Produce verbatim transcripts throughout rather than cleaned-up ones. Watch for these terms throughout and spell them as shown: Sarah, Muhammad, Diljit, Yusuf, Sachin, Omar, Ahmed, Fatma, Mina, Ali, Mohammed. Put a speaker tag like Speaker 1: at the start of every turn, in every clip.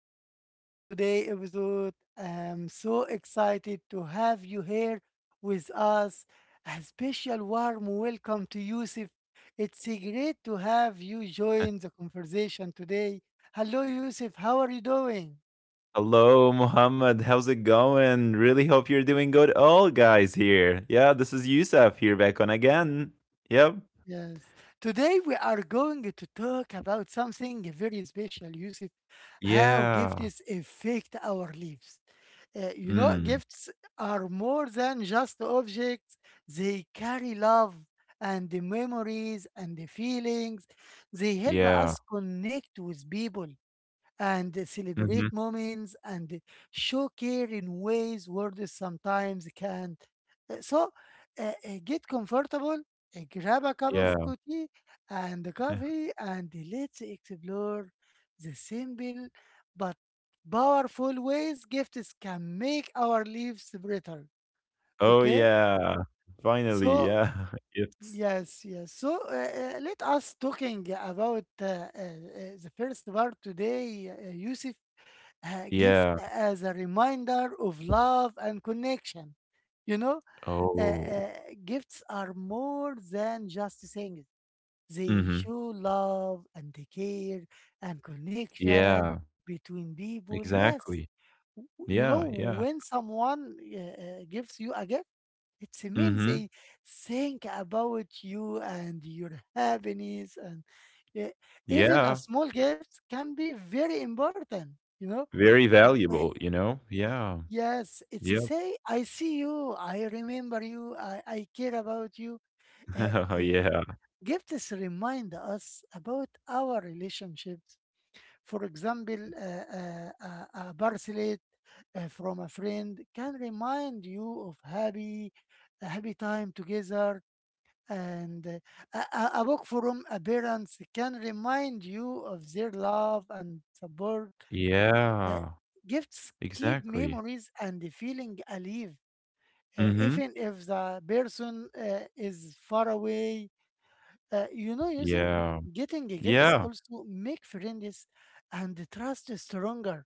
Speaker 1: welcome to today's episode. I'm so excited to have you here with us. A special warm welcome to Yusuf. It's great to have you join the conversation today. Hello, Yusuf. How are you doing?
Speaker 2: Hello, Mohammed. How's it going? Really hope you're doing good. All guys here. Yeah, this is Yusuf here back on again. Yep.
Speaker 1: Yes. Today we are going to talk about something very special, Yusuf, how
Speaker 2: Yeah.
Speaker 1: gifts affect our lives. Uh, you know,
Speaker 2: Mm.
Speaker 1: gifts are more than just objects. They carry love and the memories and the feelings. They help
Speaker 2: Yeah.
Speaker 1: us connect with people and
Speaker 2: Mm-hmm.
Speaker 1: celebrate moments and show care in ways words sometimes can't. Uh, So uh, uh, get comfortable, uh, grab a cup
Speaker 2: Yeah.
Speaker 1: of coffee and coffee, and let's explore the simple but powerful ways gifts can make our lives better.
Speaker 2: Oh,
Speaker 1: Okay,
Speaker 2: yeah. Finally.
Speaker 1: so.
Speaker 2: Yeah. It's.
Speaker 1: Yes, yes. So uh, uh, let us talking about uh, uh, uh, the first part today, uh, Yusuf, uh, gift
Speaker 2: Yeah.
Speaker 1: as a reminder of love and connection. You know, uh, uh,
Speaker 2: Oh.
Speaker 1: Gifts are more than just things. They
Speaker 2: Mm-hmm.
Speaker 1: show love and care and connection
Speaker 2: Yeah.
Speaker 1: between people. Yes,
Speaker 2: Exactly.
Speaker 1: W- you know,
Speaker 2: Yeah. Yeah.
Speaker 1: when someone uh, uh, gives you a gift, it means
Speaker 2: Mm-hmm.
Speaker 1: they think about you and your happiness. And uh, even a
Speaker 2: Yeah.
Speaker 1: small gift can be very important, you know.
Speaker 2: Very
Speaker 1: Uh,
Speaker 2: valuable, you know? Yeah.
Speaker 1: Yes, it's a
Speaker 2: Yep.
Speaker 1: say, I see you, I remember you, I, I care about you. Uh, uh,
Speaker 2: yeah.
Speaker 1: Gifts remind us about our relationships. For example, uh, uh, uh, a bracelet uh, from a friend can remind you of happy, a happy time together. And uh, a, a a book from a parents can remind you of their love and support. Uh,
Speaker 2: Yeah.
Speaker 1: Gifts keep
Speaker 2: Exactly.
Speaker 1: memories and the feeling alive, uh,
Speaker 2: Mm-hmm.
Speaker 1: even if the person uh, is far away. Uh, you know, Yusuf,
Speaker 2: Yeah.
Speaker 1: getting gifts
Speaker 2: Yeah.
Speaker 1: also make friends and trust stronger.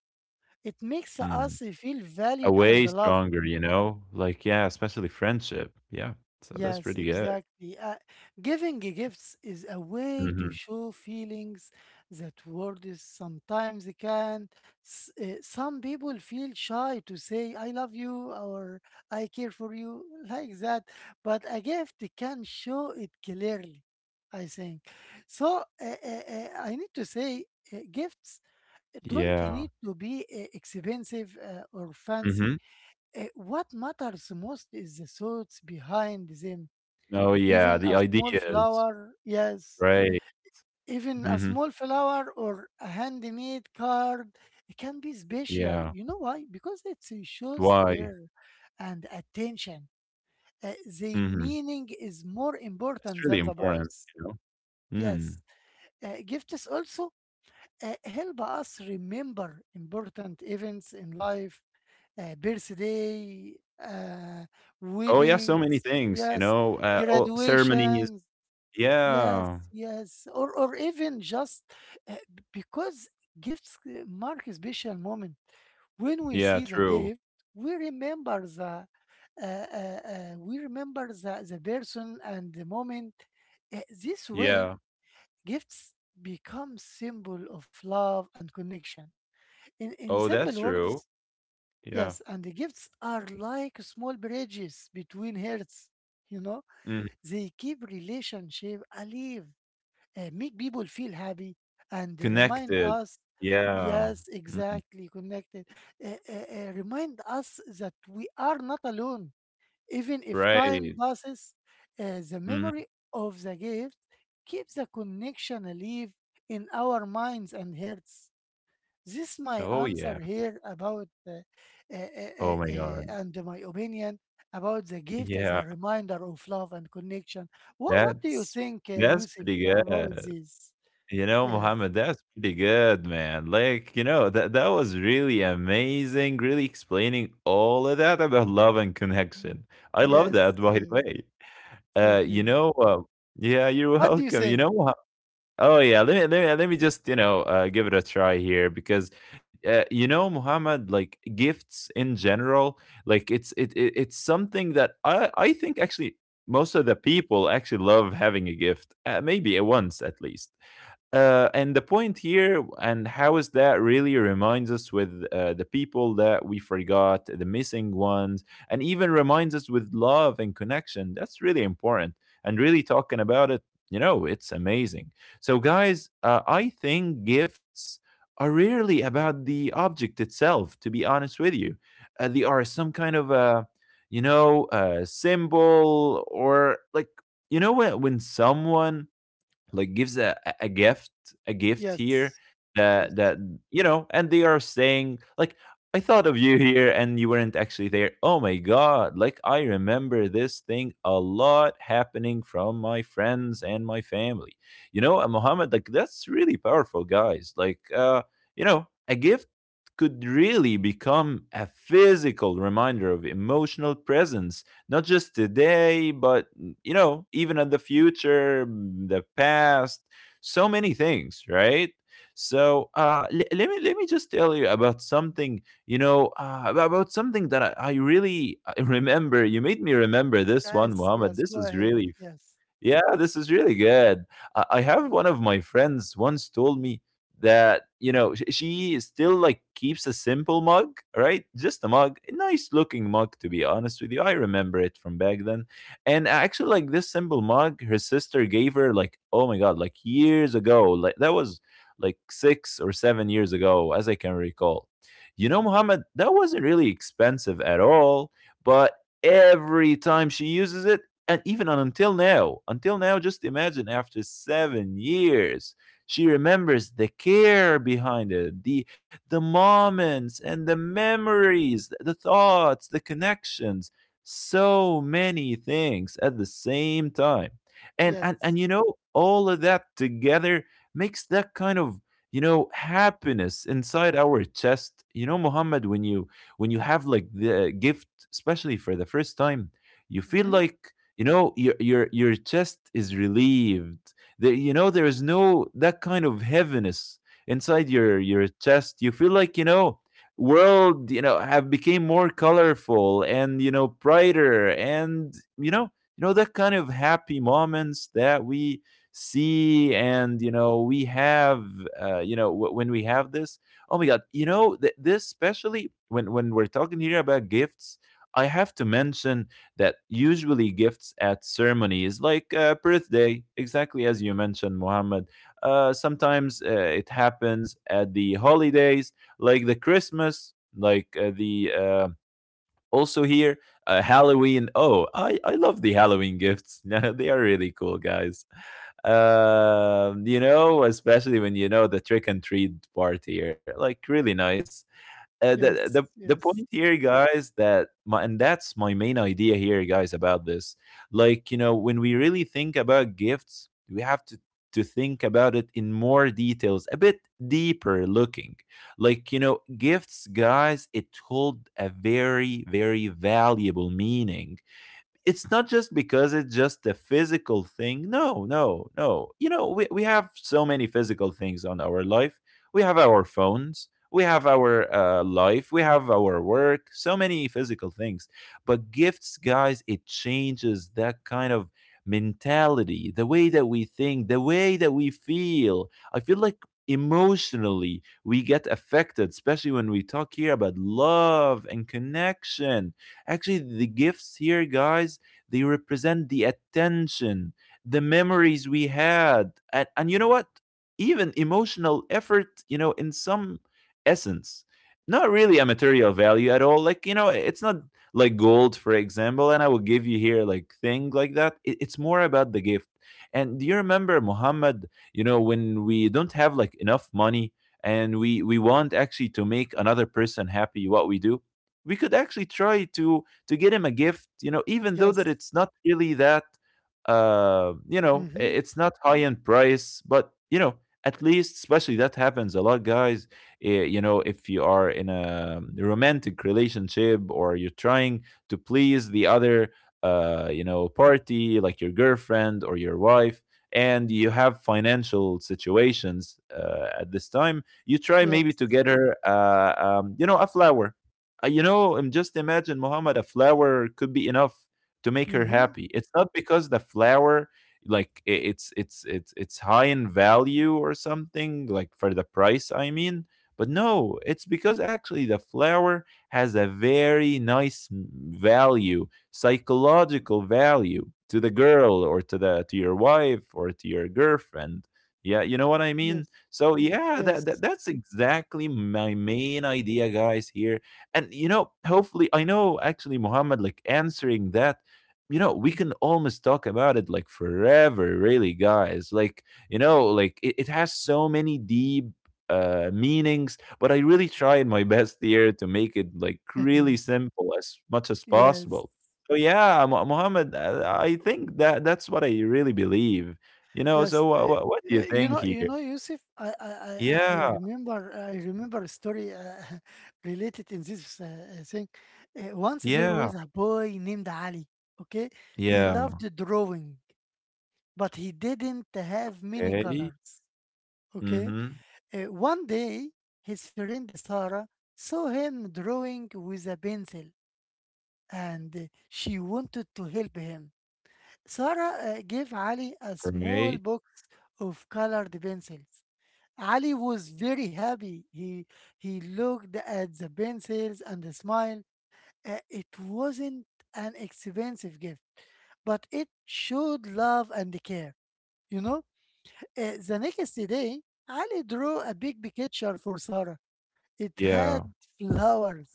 Speaker 1: It makes us
Speaker 2: Mm.
Speaker 1: feel
Speaker 2: A
Speaker 1: valued and
Speaker 2: way
Speaker 1: loved.
Speaker 2: stronger, you know? Like, yeah, especially friendship. Yeah. So that's
Speaker 1: Yes,
Speaker 2: pretty good.
Speaker 1: exactly. Uh, giving gifts is a way to
Speaker 2: Mhm.
Speaker 1: show feelings that words sometimes can. S- uh, some people feel shy to say, I love you or I care for you, like that. But a gift can show it clearly, I think. So uh, uh, uh, I need to say, uh, gifts don't need
Speaker 2: Yeah.
Speaker 1: to be uh, expensive uh, or fancy.
Speaker 2: Mhm.
Speaker 1: Uh, what matters most is the thoughts behind them,
Speaker 2: Oh, yeah.
Speaker 1: even
Speaker 2: The
Speaker 1: a small
Speaker 2: ideas.
Speaker 1: flower yes
Speaker 2: Right.
Speaker 1: even a
Speaker 2: Mhm.
Speaker 1: small flower or a handmade card, it can be special.
Speaker 2: Yeah.
Speaker 1: You know why? Because it shows
Speaker 2: Why?
Speaker 1: care and attention. Uh, the
Speaker 2: Mhm.
Speaker 1: meaning is more important
Speaker 2: It's really
Speaker 1: than the
Speaker 2: important,
Speaker 1: price.
Speaker 2: you know? Mm.
Speaker 1: Yes, uh, gifts also uh, help us remember important events in life, uh, birthday, uh,
Speaker 2: Oh, yeah. So many
Speaker 1: weddings,
Speaker 2: things, you
Speaker 1: yes,
Speaker 2: know? Uh, oh, ceremonies.
Speaker 1: graduations. Yes,
Speaker 2: Yeah.
Speaker 1: yes, or or even just, uh, b- because gifts uh, mark a special moment. When we
Speaker 2: Yeah.
Speaker 1: see the
Speaker 2: True.
Speaker 1: gift, we remember the uh, uh, uh, we remember the, the person and the moment. Uh, this way,
Speaker 2: Yeah.
Speaker 1: gifts become symbol of love and connection. In in
Speaker 2: Oh, that's
Speaker 1: simple
Speaker 2: true.
Speaker 1: words,
Speaker 2: Yeah.
Speaker 1: yes, and the gifts are like small bridges between hearts. You know,
Speaker 2: Mm.
Speaker 1: they keep relationship alive, uh, make people feel happy and they remind
Speaker 2: Connected.
Speaker 1: us.
Speaker 2: Yeah.
Speaker 1: Yes,
Speaker 2: Mhm.
Speaker 1: exactly, connected. Uh, uh, uh, remind us that we are not alone, even if
Speaker 2: Right.
Speaker 1: time passes, uh, the
Speaker 2: Mhm.
Speaker 1: memory of the gift keeps the connection alive in our minds and hearts. This is my
Speaker 2: Oh, yeah.
Speaker 1: answer here about uh, uh, uh,
Speaker 2: Oh my
Speaker 1: uh,
Speaker 2: god.
Speaker 1: uh, and my opinion about the gift as
Speaker 2: Yeah,
Speaker 1: a reminder of love and connection. what what do you
Speaker 2: that's
Speaker 1: think, uh,
Speaker 2: that's
Speaker 1: Yusuf,
Speaker 2: pretty
Speaker 1: about
Speaker 2: good.
Speaker 1: this?
Speaker 2: You know,
Speaker 1: Yes.
Speaker 2: Mohammed, that's pretty good, man. Like, you know, that that was really amazing, really explaining all of that about love and
Speaker 1: Mm.
Speaker 2: connection. I love
Speaker 1: Yes,
Speaker 2: that, by the
Speaker 1: yes.
Speaker 2: way. Uh,
Speaker 1: Thank
Speaker 2: you
Speaker 1: you.
Speaker 2: know, uh, yeah, you're
Speaker 1: What do you
Speaker 2: welcome. You
Speaker 1: think?
Speaker 2: know, oh yeah, let me let me let me just you know uh, give it a try here because uh, you know, Muhammad, like gifts in general, like it's it, it it's something that I I think actually most of the people actually love having a gift, uh, maybe a once at least, uh, and the point here and how is that really reminds us with uh, the people that we forgot, the missing ones, and even reminds us with love and connection. That's really important. And really talking about it, you know, it's amazing. So, guys, uh, I think gifts are rarely about the object itself, to be honest with you. Uh, they are some kind of a, you know, a symbol, or like, you know, when, when someone like gives a a a gift a gift here
Speaker 1: Yes.
Speaker 2: that
Speaker 1: Yes.
Speaker 2: that, you know, and they are saying like, I thought of you here and you weren't actually there. Oh my god, like I remember this thing a lot happening from my friends and my family. You know, and Muhammad, like that's really powerful, guys. Like uh you know, a gift could really become a physical reminder of emotional presence, not just today, but, and you know, even in the future, mm, the past, so many things, right? So uh le- let me let me just tell you about something. You know uh, ab- about something that I, I really uh, remember, you made me remember this one,
Speaker 1: Yes,
Speaker 2: Muhammad.
Speaker 1: yes.
Speaker 2: This
Speaker 1: Go
Speaker 2: is
Speaker 1: ahead.
Speaker 2: really,
Speaker 1: Yes.
Speaker 2: yeah, this is really good. I I have one of my friends once told me that, you know, sh- she still like keeps a simple mug, right? Just a mug, a nice looking mug, to be honest with you. I remember it from back then. And actually, like this simple mug, her sister gave her, like, oh my God, like years ago. Like that was like six or seven years ago, as I can recall. You know, Muhammad, that wasn't really expensive at all, but every time she uses it, and even until now until now, just imagine after seven years, she remembers the care behind it, the the moments and the memories, the thoughts, the connections, so many things at the same time. and and, and
Speaker 1: Yes.
Speaker 2: you know, all of that together makes that kind of, you know, happiness inside our chest. You know, Muhammad, when you, when you have like the gift especially for the first time, you feel
Speaker 1: Mm-hmm.
Speaker 2: like, you know, your your your chest is relieved. The, you know, there is no that kind of heaviness inside your your chest. You feel like, you know, world, you know, have became more colorful, and you know, brighter, and you know, you know, that kind of happy moments that we see, and you know, we have, uh, you know, w- when we have this. Oh my god, you know, th- this, especially when when we're talking here about gifts, I have to mention that usually gifts at ceremonies like uh, birthday, exactly as you mentioned, Muhammad. Uh, sometimes uh, it happens at the holidays like the Christmas, like uh, the uh, also here, uh, Halloween. Oh, I I love the Halloween gifts. Yeah, they are really cool, guys. Um, you know, especially when you know the trick and treat part here, like really nice. Uh, the, the
Speaker 1: Yes,
Speaker 2: the point
Speaker 1: yes.
Speaker 2: here, guys, that my, and that's my main idea here, guys, about this, like, you know, when we really think about gifts, we have to to think about it in more details, a bit deeper looking. Like, you know, gifts, guys, it hold a very very valuable meaning. It's not just because it's just a physical thing. No, no, no. You know, we, we have so many physical things on our life. We have our phones, we have our uh, life, we have our work, so many physical things. But gifts, guys, it changes that kind of mentality, the way that we think, the way that we feel. I feel like emotionally we get affected, especially when we talk here about love and connection. Actually, the gifts here, guys, they represent the attention, the memories we had, and, and you know what? Even emotional effort, you know, in some essence. Not really a material value at all. Like, you know, it's not like gold, for example, and I will give you here like thing like that. It, it's more about the gift. And do you remember, Muhammad, you know, when we don't have like enough money, and we we want actually to make another person happy, what we do, we could actually try to to get him a gift, you know, even though that
Speaker 1: Yes.
Speaker 2: it's not really that, uh, you know, i-
Speaker 1: Mm-hmm.
Speaker 2: it's not high in price, but you know, at least, especially that happens a lot, guys. eh, You know, if you are in a um, romantic relationship, or you're trying to please the other, uh, you know, party, like your girlfriend or your wife, and you have financial situations uh, at this time, you try maybe
Speaker 1: Yes.
Speaker 2: to get her, uh, um, you know, a flower. Uh, you know, I'm just imagine, Muhammad, a flower could be enough to make her
Speaker 1: Mm-hmm.
Speaker 2: happy. It's not because the flower, like i- it's it's it's it's high in value or something, like for the price, I mean. But no, it's because actually the flower has a very nice m- value, psychological value to the girl, or to the to your wife, or to your girlfriend. Yeah, you know what I mean?
Speaker 1: Yes.
Speaker 2: So yeah, that, that
Speaker 1: Yes.
Speaker 2: that's exactly my main idea, guys, here. And you know, hopefully, I know actually, Muhammad, like answering that, you know, we can almost talk about it like forever, really, guys. Like, you know, like it, it has so many deep uh meanings, but I really tried my best here to make it like really simple as much as
Speaker 1: Yes.
Speaker 2: possible. So yeah, Mu- Muhammad, uh, I think that that's what I really believe. You know, so
Speaker 1: Yes,
Speaker 2: what
Speaker 1: eh,
Speaker 2: what, what do you
Speaker 1: eh, you
Speaker 2: think
Speaker 1: know, you
Speaker 2: here?
Speaker 1: know, Yusuf. I, I, I I
Speaker 2: Yeah,
Speaker 1: remember, I remember a story uh, related in this uh, uh, thing. Uh, once there
Speaker 2: yeah,
Speaker 1: was a boy named Ali. Okay, he
Speaker 2: yeah.
Speaker 1: loved drawing, but he didn't have many
Speaker 2: Okay.
Speaker 1: colors. Okay,
Speaker 2: Mm-hmm.
Speaker 1: uh, one day his friend Sarah saw him drawing with a pencil, and uh, she wanted to help him. Sarah uh, gave Ali a small
Speaker 2: Right.
Speaker 1: box of colored pencils. Ali was very happy. He he looked at the pencils and smiled. Uh, it wasn't an expensive gift, but it showed love and care. You know, Uh, the next day, Ali drew a big picture for Sarah. It had
Speaker 2: Yeah.
Speaker 1: flowers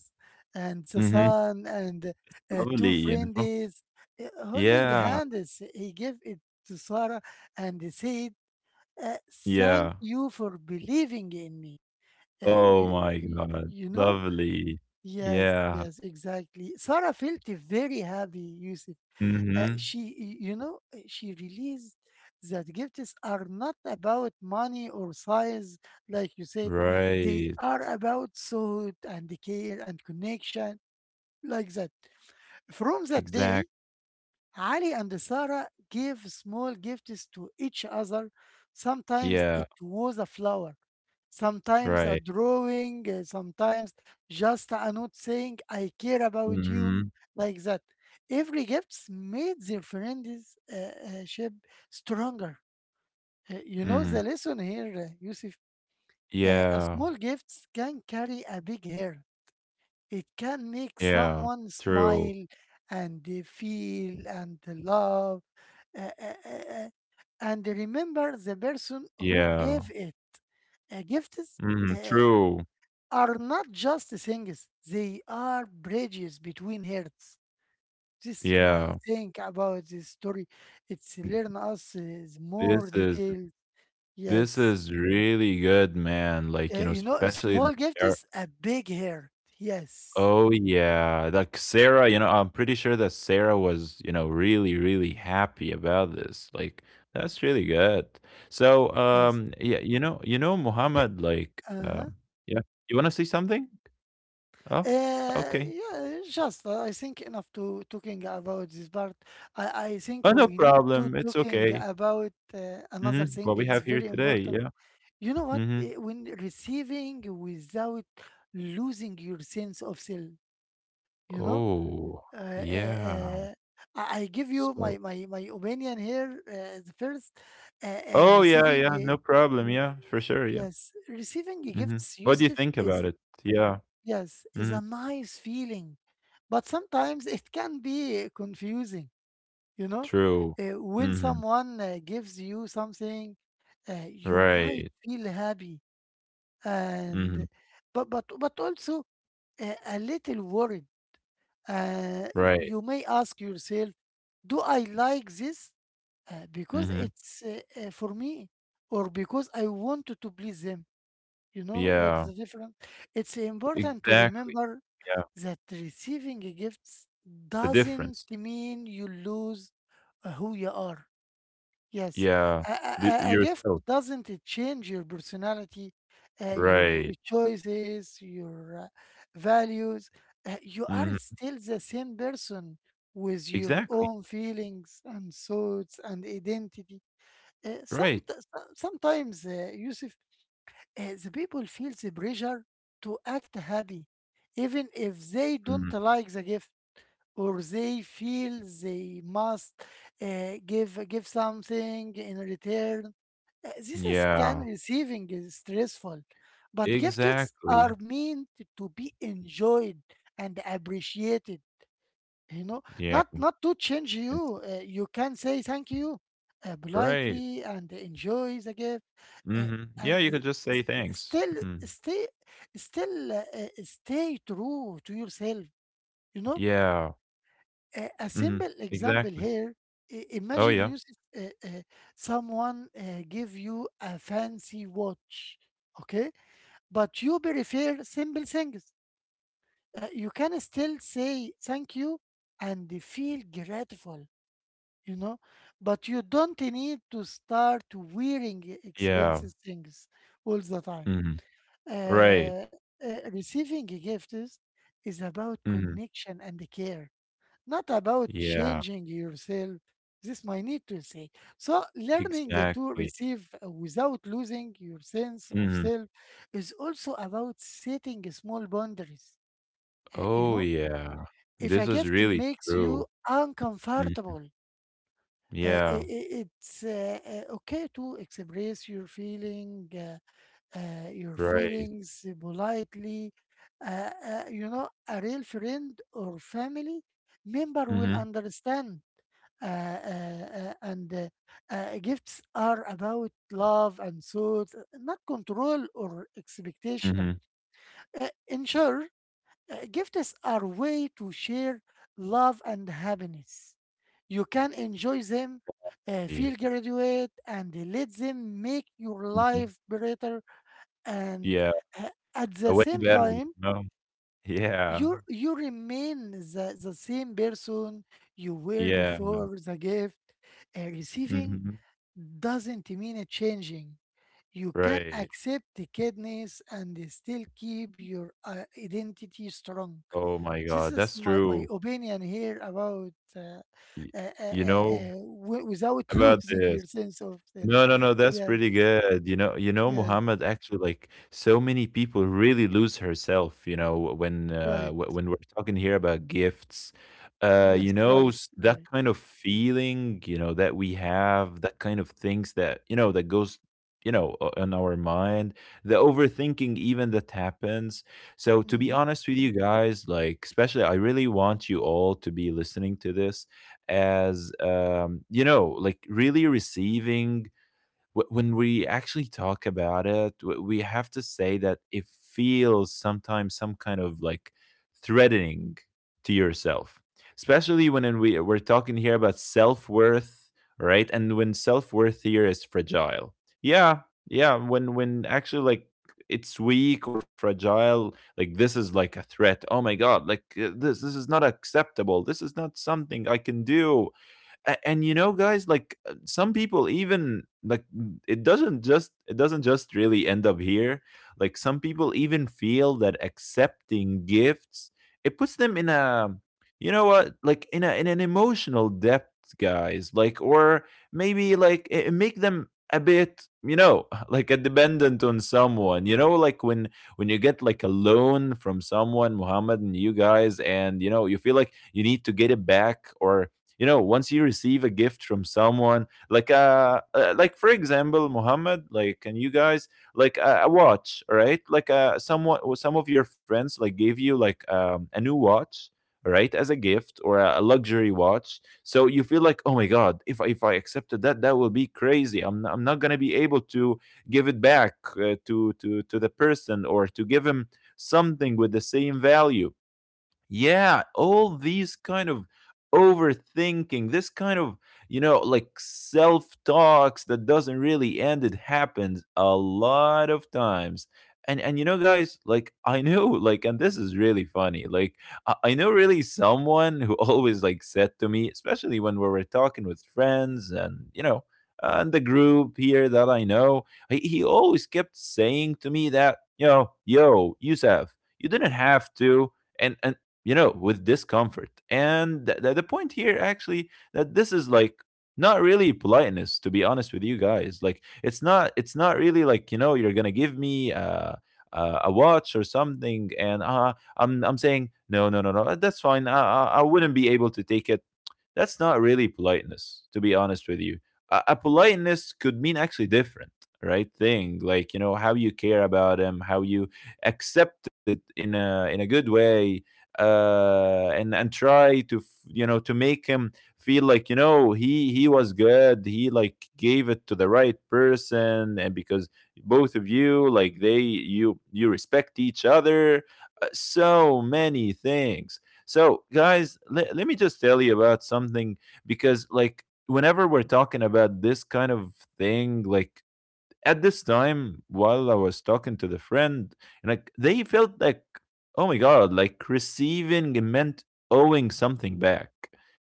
Speaker 1: and the
Speaker 2: Mhm.
Speaker 1: sun and uh, two
Speaker 2: Lovely, you know?
Speaker 1: friends uh, holding
Speaker 2: Yeah.
Speaker 1: hands. He gave it to Sarah and said, uh, "Thank
Speaker 2: Yeah.
Speaker 1: you for believing in me." Uh,
Speaker 2: Oh
Speaker 1: you,
Speaker 2: my
Speaker 1: you
Speaker 2: god.
Speaker 1: you know?
Speaker 2: Lovely.
Speaker 1: Yes,
Speaker 2: Yeah.
Speaker 1: yes, exactly. Sarah felt very happy, Yusuf. Uh,
Speaker 2: Mhm.
Speaker 1: she, y- you know, uh, she realized that gifts are not about money or size, like you said. They
Speaker 2: Right.
Speaker 1: are about thought and care and connection, like that. From that day,
Speaker 2: Exact
Speaker 1: Ali and Sarah gave small gifts to each other. Sometimes
Speaker 2: yeah.
Speaker 1: it was a flower, sometimes a
Speaker 2: Right.
Speaker 1: drawing, uh, sometimes just a note saying, I care about you,
Speaker 2: Mhm.
Speaker 1: like that. Every gift made their friendship stronger. Uh, you know
Speaker 2: Mhm.
Speaker 1: the lesson here, uh, Yusuf. Uh, a
Speaker 2: Yeah.
Speaker 1: small gift can carry a big hair. It can make
Speaker 2: Yeah.
Speaker 1: someone
Speaker 2: True.
Speaker 1: smile and they feel and they love uh, uh, uh, uh, and they remember the person who
Speaker 2: Yeah.
Speaker 1: gave it. Uh, gifts uh,
Speaker 2: Mhm. True.
Speaker 1: are not just things, they are bridges between hearts. This is my
Speaker 2: Yeah.
Speaker 1: think about this story. It's learn us uh,
Speaker 2: This
Speaker 1: more
Speaker 2: is
Speaker 1: detail.
Speaker 2: this
Speaker 1: Yes.
Speaker 2: is really good, man. Like,
Speaker 1: Uh,
Speaker 2: you know,
Speaker 1: you know, a
Speaker 2: especially the
Speaker 1: small gift is a big heart. Yes.
Speaker 2: oh yeah, like Sarah, you know, I'm pretty sure that Sarah was, you know, really, really happy about this. Like, that's really good. So,
Speaker 1: Yes.
Speaker 2: um, yeah, you know, you know, Muhammad, like,
Speaker 1: Uh-huh.
Speaker 2: um, yeah, you want to see something? Oh,
Speaker 1: Uh,
Speaker 2: okay.
Speaker 1: yeah, just uh, I think enough to talking about this part. I, I think
Speaker 2: Oh, no
Speaker 1: we need to
Speaker 2: problem. It's
Speaker 1: talking
Speaker 2: okay.
Speaker 1: about uh, another
Speaker 2: Mm-hmm.
Speaker 1: thing.
Speaker 2: What we
Speaker 1: It's
Speaker 2: have here
Speaker 1: very
Speaker 2: today,
Speaker 1: important.
Speaker 2: yeah.
Speaker 1: You know what?
Speaker 2: Mm-hmm.
Speaker 1: Eh, When receiving without losing your sense of self, you know.
Speaker 2: Oh,
Speaker 1: Uh, uh,
Speaker 2: yeah.
Speaker 1: uh, I I give you my
Speaker 2: So,
Speaker 1: my my opinion here. Uh, the first, uh, uh,
Speaker 2: oh yeah,
Speaker 1: receiving
Speaker 2: yeah, no
Speaker 1: uh,
Speaker 2: problem. Yeah, for sure. Yeah.
Speaker 1: yes, receiving
Speaker 2: Mm-hmm.
Speaker 1: gifts,
Speaker 2: What do you
Speaker 1: Yusuf
Speaker 2: think about
Speaker 1: is
Speaker 2: it? Yeah.
Speaker 1: yes is
Speaker 2: Mm-hmm.
Speaker 1: a nice feeling. But sometimes it can be confusing, you know?
Speaker 2: True.
Speaker 1: Uh, when
Speaker 2: Mm-hmm.
Speaker 1: someone uh, gives you something, uh, you might
Speaker 2: Right.
Speaker 1: feel happy and
Speaker 2: Mhm.
Speaker 1: but but but also uh, a little worried. Uh,
Speaker 2: Right.
Speaker 1: you may ask yourself, do I like this uh, because
Speaker 2: Mhm.
Speaker 1: it's uh, uh, for me or because I want to please them? You know what is
Speaker 2: Yeah.
Speaker 1: the difference? It's important to
Speaker 2: Exactly.
Speaker 1: remember
Speaker 2: Yeah.
Speaker 1: that receiving gifts
Speaker 2: The
Speaker 1: doesn't
Speaker 2: difference.
Speaker 1: mean you lose uh, who you are. Yes,
Speaker 2: Yeah.
Speaker 1: a, a,
Speaker 2: The
Speaker 1: a a gift
Speaker 2: yourself.
Speaker 1: doesn't change your personality, uh, your
Speaker 2: Right.
Speaker 1: choices, your uh, values. Uh, you are
Speaker 2: Mhm.
Speaker 1: still the same person with your
Speaker 2: Exactly.
Speaker 1: own feelings and thoughts and identity. Uh, some,
Speaker 2: Right.
Speaker 1: Sometimes, uh, Yusuf, uh, the people feel the pressure to act happy, even if they
Speaker 2: Mhm.
Speaker 1: don't like the gift or they feel they must uh, give give something in return. Uh, This is can
Speaker 2: Yeah.
Speaker 1: receiving is stressful, but gifts
Speaker 2: Exactly.
Speaker 1: are meant to be enjoyed and appreciated. You know,
Speaker 2: Yeah.
Speaker 1: not not to change
Speaker 2: That's
Speaker 1: you.
Speaker 2: it.
Speaker 1: Uh, you can say thank you uh,
Speaker 2: Right.
Speaker 1: politely and enjoy the gift, uh,
Speaker 2: Mhm. Yeah,
Speaker 1: and
Speaker 2: you could just
Speaker 1: s-
Speaker 2: say thanks.
Speaker 1: still
Speaker 2: Mm.
Speaker 1: stay still uh, uh, stay true to yourself. You know,
Speaker 2: Yeah.
Speaker 1: a, a
Speaker 2: Mhm.
Speaker 1: simple example
Speaker 2: Exactly.
Speaker 1: here, i-
Speaker 2: Oh,
Speaker 1: imagine
Speaker 2: yeah.
Speaker 1: you s- uh, uh, someone uh, give you a fancy watch, okay, but you prefer simple things. Uh, you can still say thank you and feel grateful, you know, but you don't need to start wearing
Speaker 2: Yeah.
Speaker 1: expensive things all the time.
Speaker 2: Mhm. Right.
Speaker 1: uh, uh, Receiving gifts is about
Speaker 2: Mhm.
Speaker 1: connection and care, not about
Speaker 2: Yeah.
Speaker 1: changing yourself. This might need to say. So learning to
Speaker 2: Exactly.
Speaker 1: receive without losing your sense of
Speaker 2: Mhm.
Speaker 1: self is also about setting small boundaries. Uh, you
Speaker 2: Oh,
Speaker 1: know,
Speaker 2: yeah.
Speaker 1: if
Speaker 2: This
Speaker 1: a
Speaker 2: is
Speaker 1: gift
Speaker 2: really
Speaker 1: makes
Speaker 2: true.
Speaker 1: you
Speaker 2: Mm.
Speaker 1: uncomfortable, uh,
Speaker 2: Yeah,
Speaker 1: i- i- it's uh, uh, okay to express your feeling, uh, uh, your
Speaker 2: right.
Speaker 1: feelings politely. Uh, uh, you know, a real friend or family member will
Speaker 2: Mhm,
Speaker 1: understand, uh, uh, uh, and uh, uh, gifts are about love and thoughts, not control or expectation.
Speaker 2: mhm.
Speaker 1: Uh, in short, uh, gifts are way to share love and happiness. You can enjoy them, uh,
Speaker 2: E
Speaker 1: feel graduate, and let them make your
Speaker 2: mhm.
Speaker 1: life better. And
Speaker 2: Yeah,
Speaker 1: uh, at
Speaker 2: a
Speaker 1: the
Speaker 2: way
Speaker 1: same
Speaker 2: better, you
Speaker 1: time,
Speaker 2: know? Yeah,
Speaker 1: you you remain the, the same person you were
Speaker 2: yeah,
Speaker 1: before the gift, uh, receiving
Speaker 2: mhm,
Speaker 1: doesn't mean a changing. You can
Speaker 2: right.
Speaker 1: accept the kidneys and still keep your uh, identity strong.
Speaker 2: Oh my
Speaker 1: This
Speaker 2: god,
Speaker 1: is
Speaker 2: that's
Speaker 1: my, my
Speaker 2: true.
Speaker 1: opinion here about uh,
Speaker 2: Y
Speaker 1: uh, uh,
Speaker 2: you know,
Speaker 1: uh, w- without
Speaker 2: about
Speaker 1: losing
Speaker 2: this.
Speaker 1: your sense of self.
Speaker 2: No, no, no, that's
Speaker 1: Yes,
Speaker 2: pretty good. You know, you know,
Speaker 1: yes,
Speaker 2: Muhammad, actually, like so many people really lose herself, you know, when uh,
Speaker 1: right.
Speaker 2: wh- when we're talking here about gifts, uh, you
Speaker 1: Yes,
Speaker 2: know,
Speaker 1: right,
Speaker 2: s- that
Speaker 1: right.
Speaker 2: kind of feeling, you know, that we have, that kind of things that, you know, that goes, you know, o- on our mind, the overthinking even that happens. So to be
Speaker 1: Mm-hmm.
Speaker 2: honest with you guys, like especially I really want you all to be listening to this as um, you know, like really receiving wh- when we actually talk about it, w- we have to say that it feels sometimes some kind of like threatening to yourself, especially when in we we're talking here about self worth, right? And when self worth here is fragile, yeah, yeah. When when actually like it's weak or fragile, like this is like a threat. Oh my god, like uh, this this is not acceptable. This is not something I can do a and you know, guys, like uh, some people even like n- it doesn't just it doesn't just really end up here. Like some people even feel that accepting gifts, it puts them in a, you know what, like in a in an emotional depth, guys. Like or maybe like it, it make them a bit, you know, like a dependent on someone, you know, like when when you get like a loan from someone, Muhammad, and you guys, and you know you feel like you need to get it back. Or you know, once you receive a gift from someone, like uh, uh like for example, Muhammad, like and you guys, like a, a watch. All right like uh someone, some of your friends, like gave you like um, a new watch. All right as a gift, or a, a luxury watch. So you feel like, oh my god, if I, if I accepted that, that will be crazy. i'm, I'm not going to be able to give it back uh, to to to the person, or to give him something with the same value. Yeah, all these kind of overthinking, this kind of, you know, like self talks that doesn't really end. It happens a lot of times. And, and you know guys, like I know, like and this is really funny, like i I know really someone who always like said to me, especially when we were talking with friends, and you know, and the group here that I know, he, he always kept saying to me that, you know, yo yousef, you didn't have to. And, and you know, with discomfort. And th- th- the point here, actually, that this is like not really politeness, to be honest with you guys. Like, it's not, it's not really like, you know, you're gonna give me uh, uh, a watch or something, and uh, I'm, I'm saying no, no, no, no, that's fine. I, I, I wouldn't be able to take it. That's not really politeness, to be honest with you. A, a politeness could mean actually different, right? Thing, like, you know, how you care about him, how you accept it in a in a good way, uh, and and try to f- you know, to make him feel like, you know, he he was good. He like gave it to the right person, and because both of you like they you you respect each other. uh, So many things. So, guys, le- let me just tell you about something, because like, whenever we're talking about this kind of thing, like, at this time while I was talking to the friend, and like they felt like, oh my god, like receiving meant owing something back,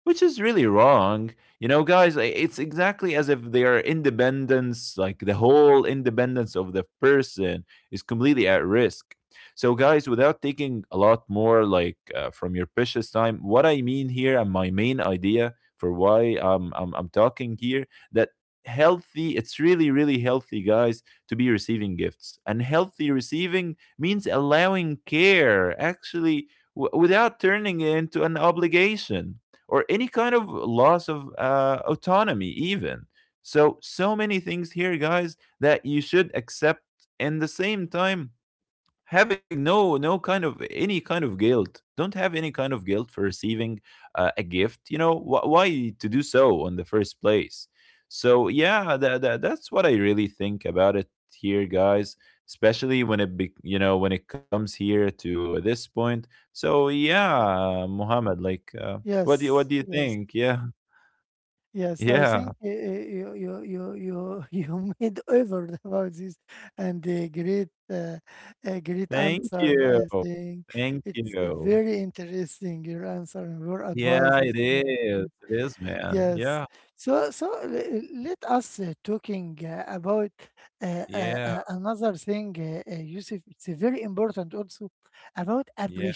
Speaker 2: which is really wrong. You know guys, i- it's exactly as if their independence, like the whole independence of the person, is completely at risk. So guys, without taking a lot more, like uh, from your precious time, what I mean here, and my main idea for why I'm, I'm I'm talking here, that healthy, it's really really healthy, guys, to be receiving gifts. And healthy receiving means allowing care actually, w- without turning it into an obligation, or any kind of loss of uh, autonomy even. So so many things here guys that you should accept, and the same time having no no kind of, any kind of guilt. Don't have any kind of guilt for receiving uh, a gift. You know, wh- why to do so in the first place? So yeah, that, that that's what I really think about it here, guys, especially when it be, you know, when it comes here to this point. So
Speaker 1: Yes,
Speaker 2: yeah, Muhammad, like uh, what do you, what
Speaker 1: yes,
Speaker 2: do you
Speaker 1: yes.
Speaker 2: think? Yeah.
Speaker 1: Yes, I
Speaker 2: Yeah.
Speaker 1: think uh, uh, you you you you you made over about this, and a great uh, a great
Speaker 2: Thank
Speaker 1: answer.
Speaker 2: you,
Speaker 1: I think
Speaker 2: thank
Speaker 1: it's
Speaker 2: you.
Speaker 1: very interesting your answer and your advice
Speaker 2: Yeah,
Speaker 1: is
Speaker 2: it
Speaker 1: for.
Speaker 2: is, it is, man.
Speaker 1: Yes.
Speaker 2: Yeah.
Speaker 1: So so le- let us uh, talking uh, about uh, uh,
Speaker 2: Yeah.
Speaker 1: uh, another thing, uh, uh, Yusuf. It's uh, very important also about
Speaker 2: Yeah,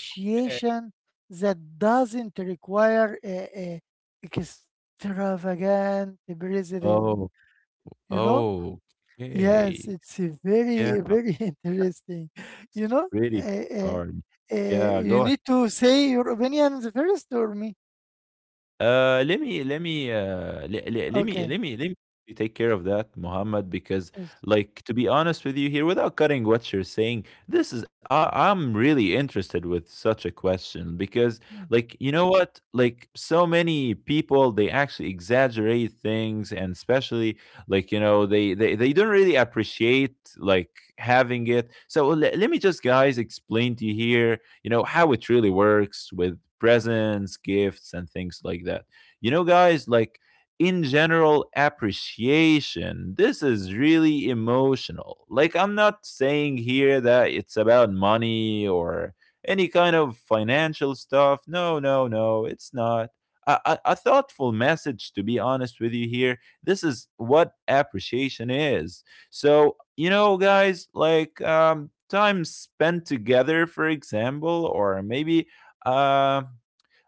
Speaker 2: okay.
Speaker 1: that doesn't require uh, uh, extravagant president.
Speaker 2: Oh.
Speaker 1: You know?
Speaker 2: Oh,
Speaker 1: Yes,
Speaker 2: okay.
Speaker 1: it's uh,
Speaker 2: Yeah,
Speaker 1: very very interesting. You
Speaker 2: that's
Speaker 1: know?
Speaker 2: really
Speaker 1: Uh, uh,
Speaker 2: hard.
Speaker 1: uh,
Speaker 2: Yeah,
Speaker 1: you
Speaker 2: go.
Speaker 1: need to say your opinions first or me?
Speaker 2: Uh, let me, let me uh, let, let, let me,
Speaker 1: Okay.
Speaker 2: let me let me take care of that, Muhammad, because
Speaker 1: Yes.
Speaker 2: like, to be honest with you here, without cutting what you're saying, this is, I, I'm really interested with such a question, because
Speaker 1: Mm.
Speaker 2: like, you know what, like so many people they actually exaggerate things, and especially like, you know, they they, they don't really appreciate like having it. So let, let me just, guys, explain to you here, you know, how it really works with presents, gifts and things like that. You know, guys, like in general, appreciation, this is really emotional, like I'm not saying here that it's about money or any kind of financial stuff. No, no, no, it's not. A, a, a thoughtful message, to be honest with you here, this is what appreciation is. So you know, guys, like um time spent together, for example, or maybe uh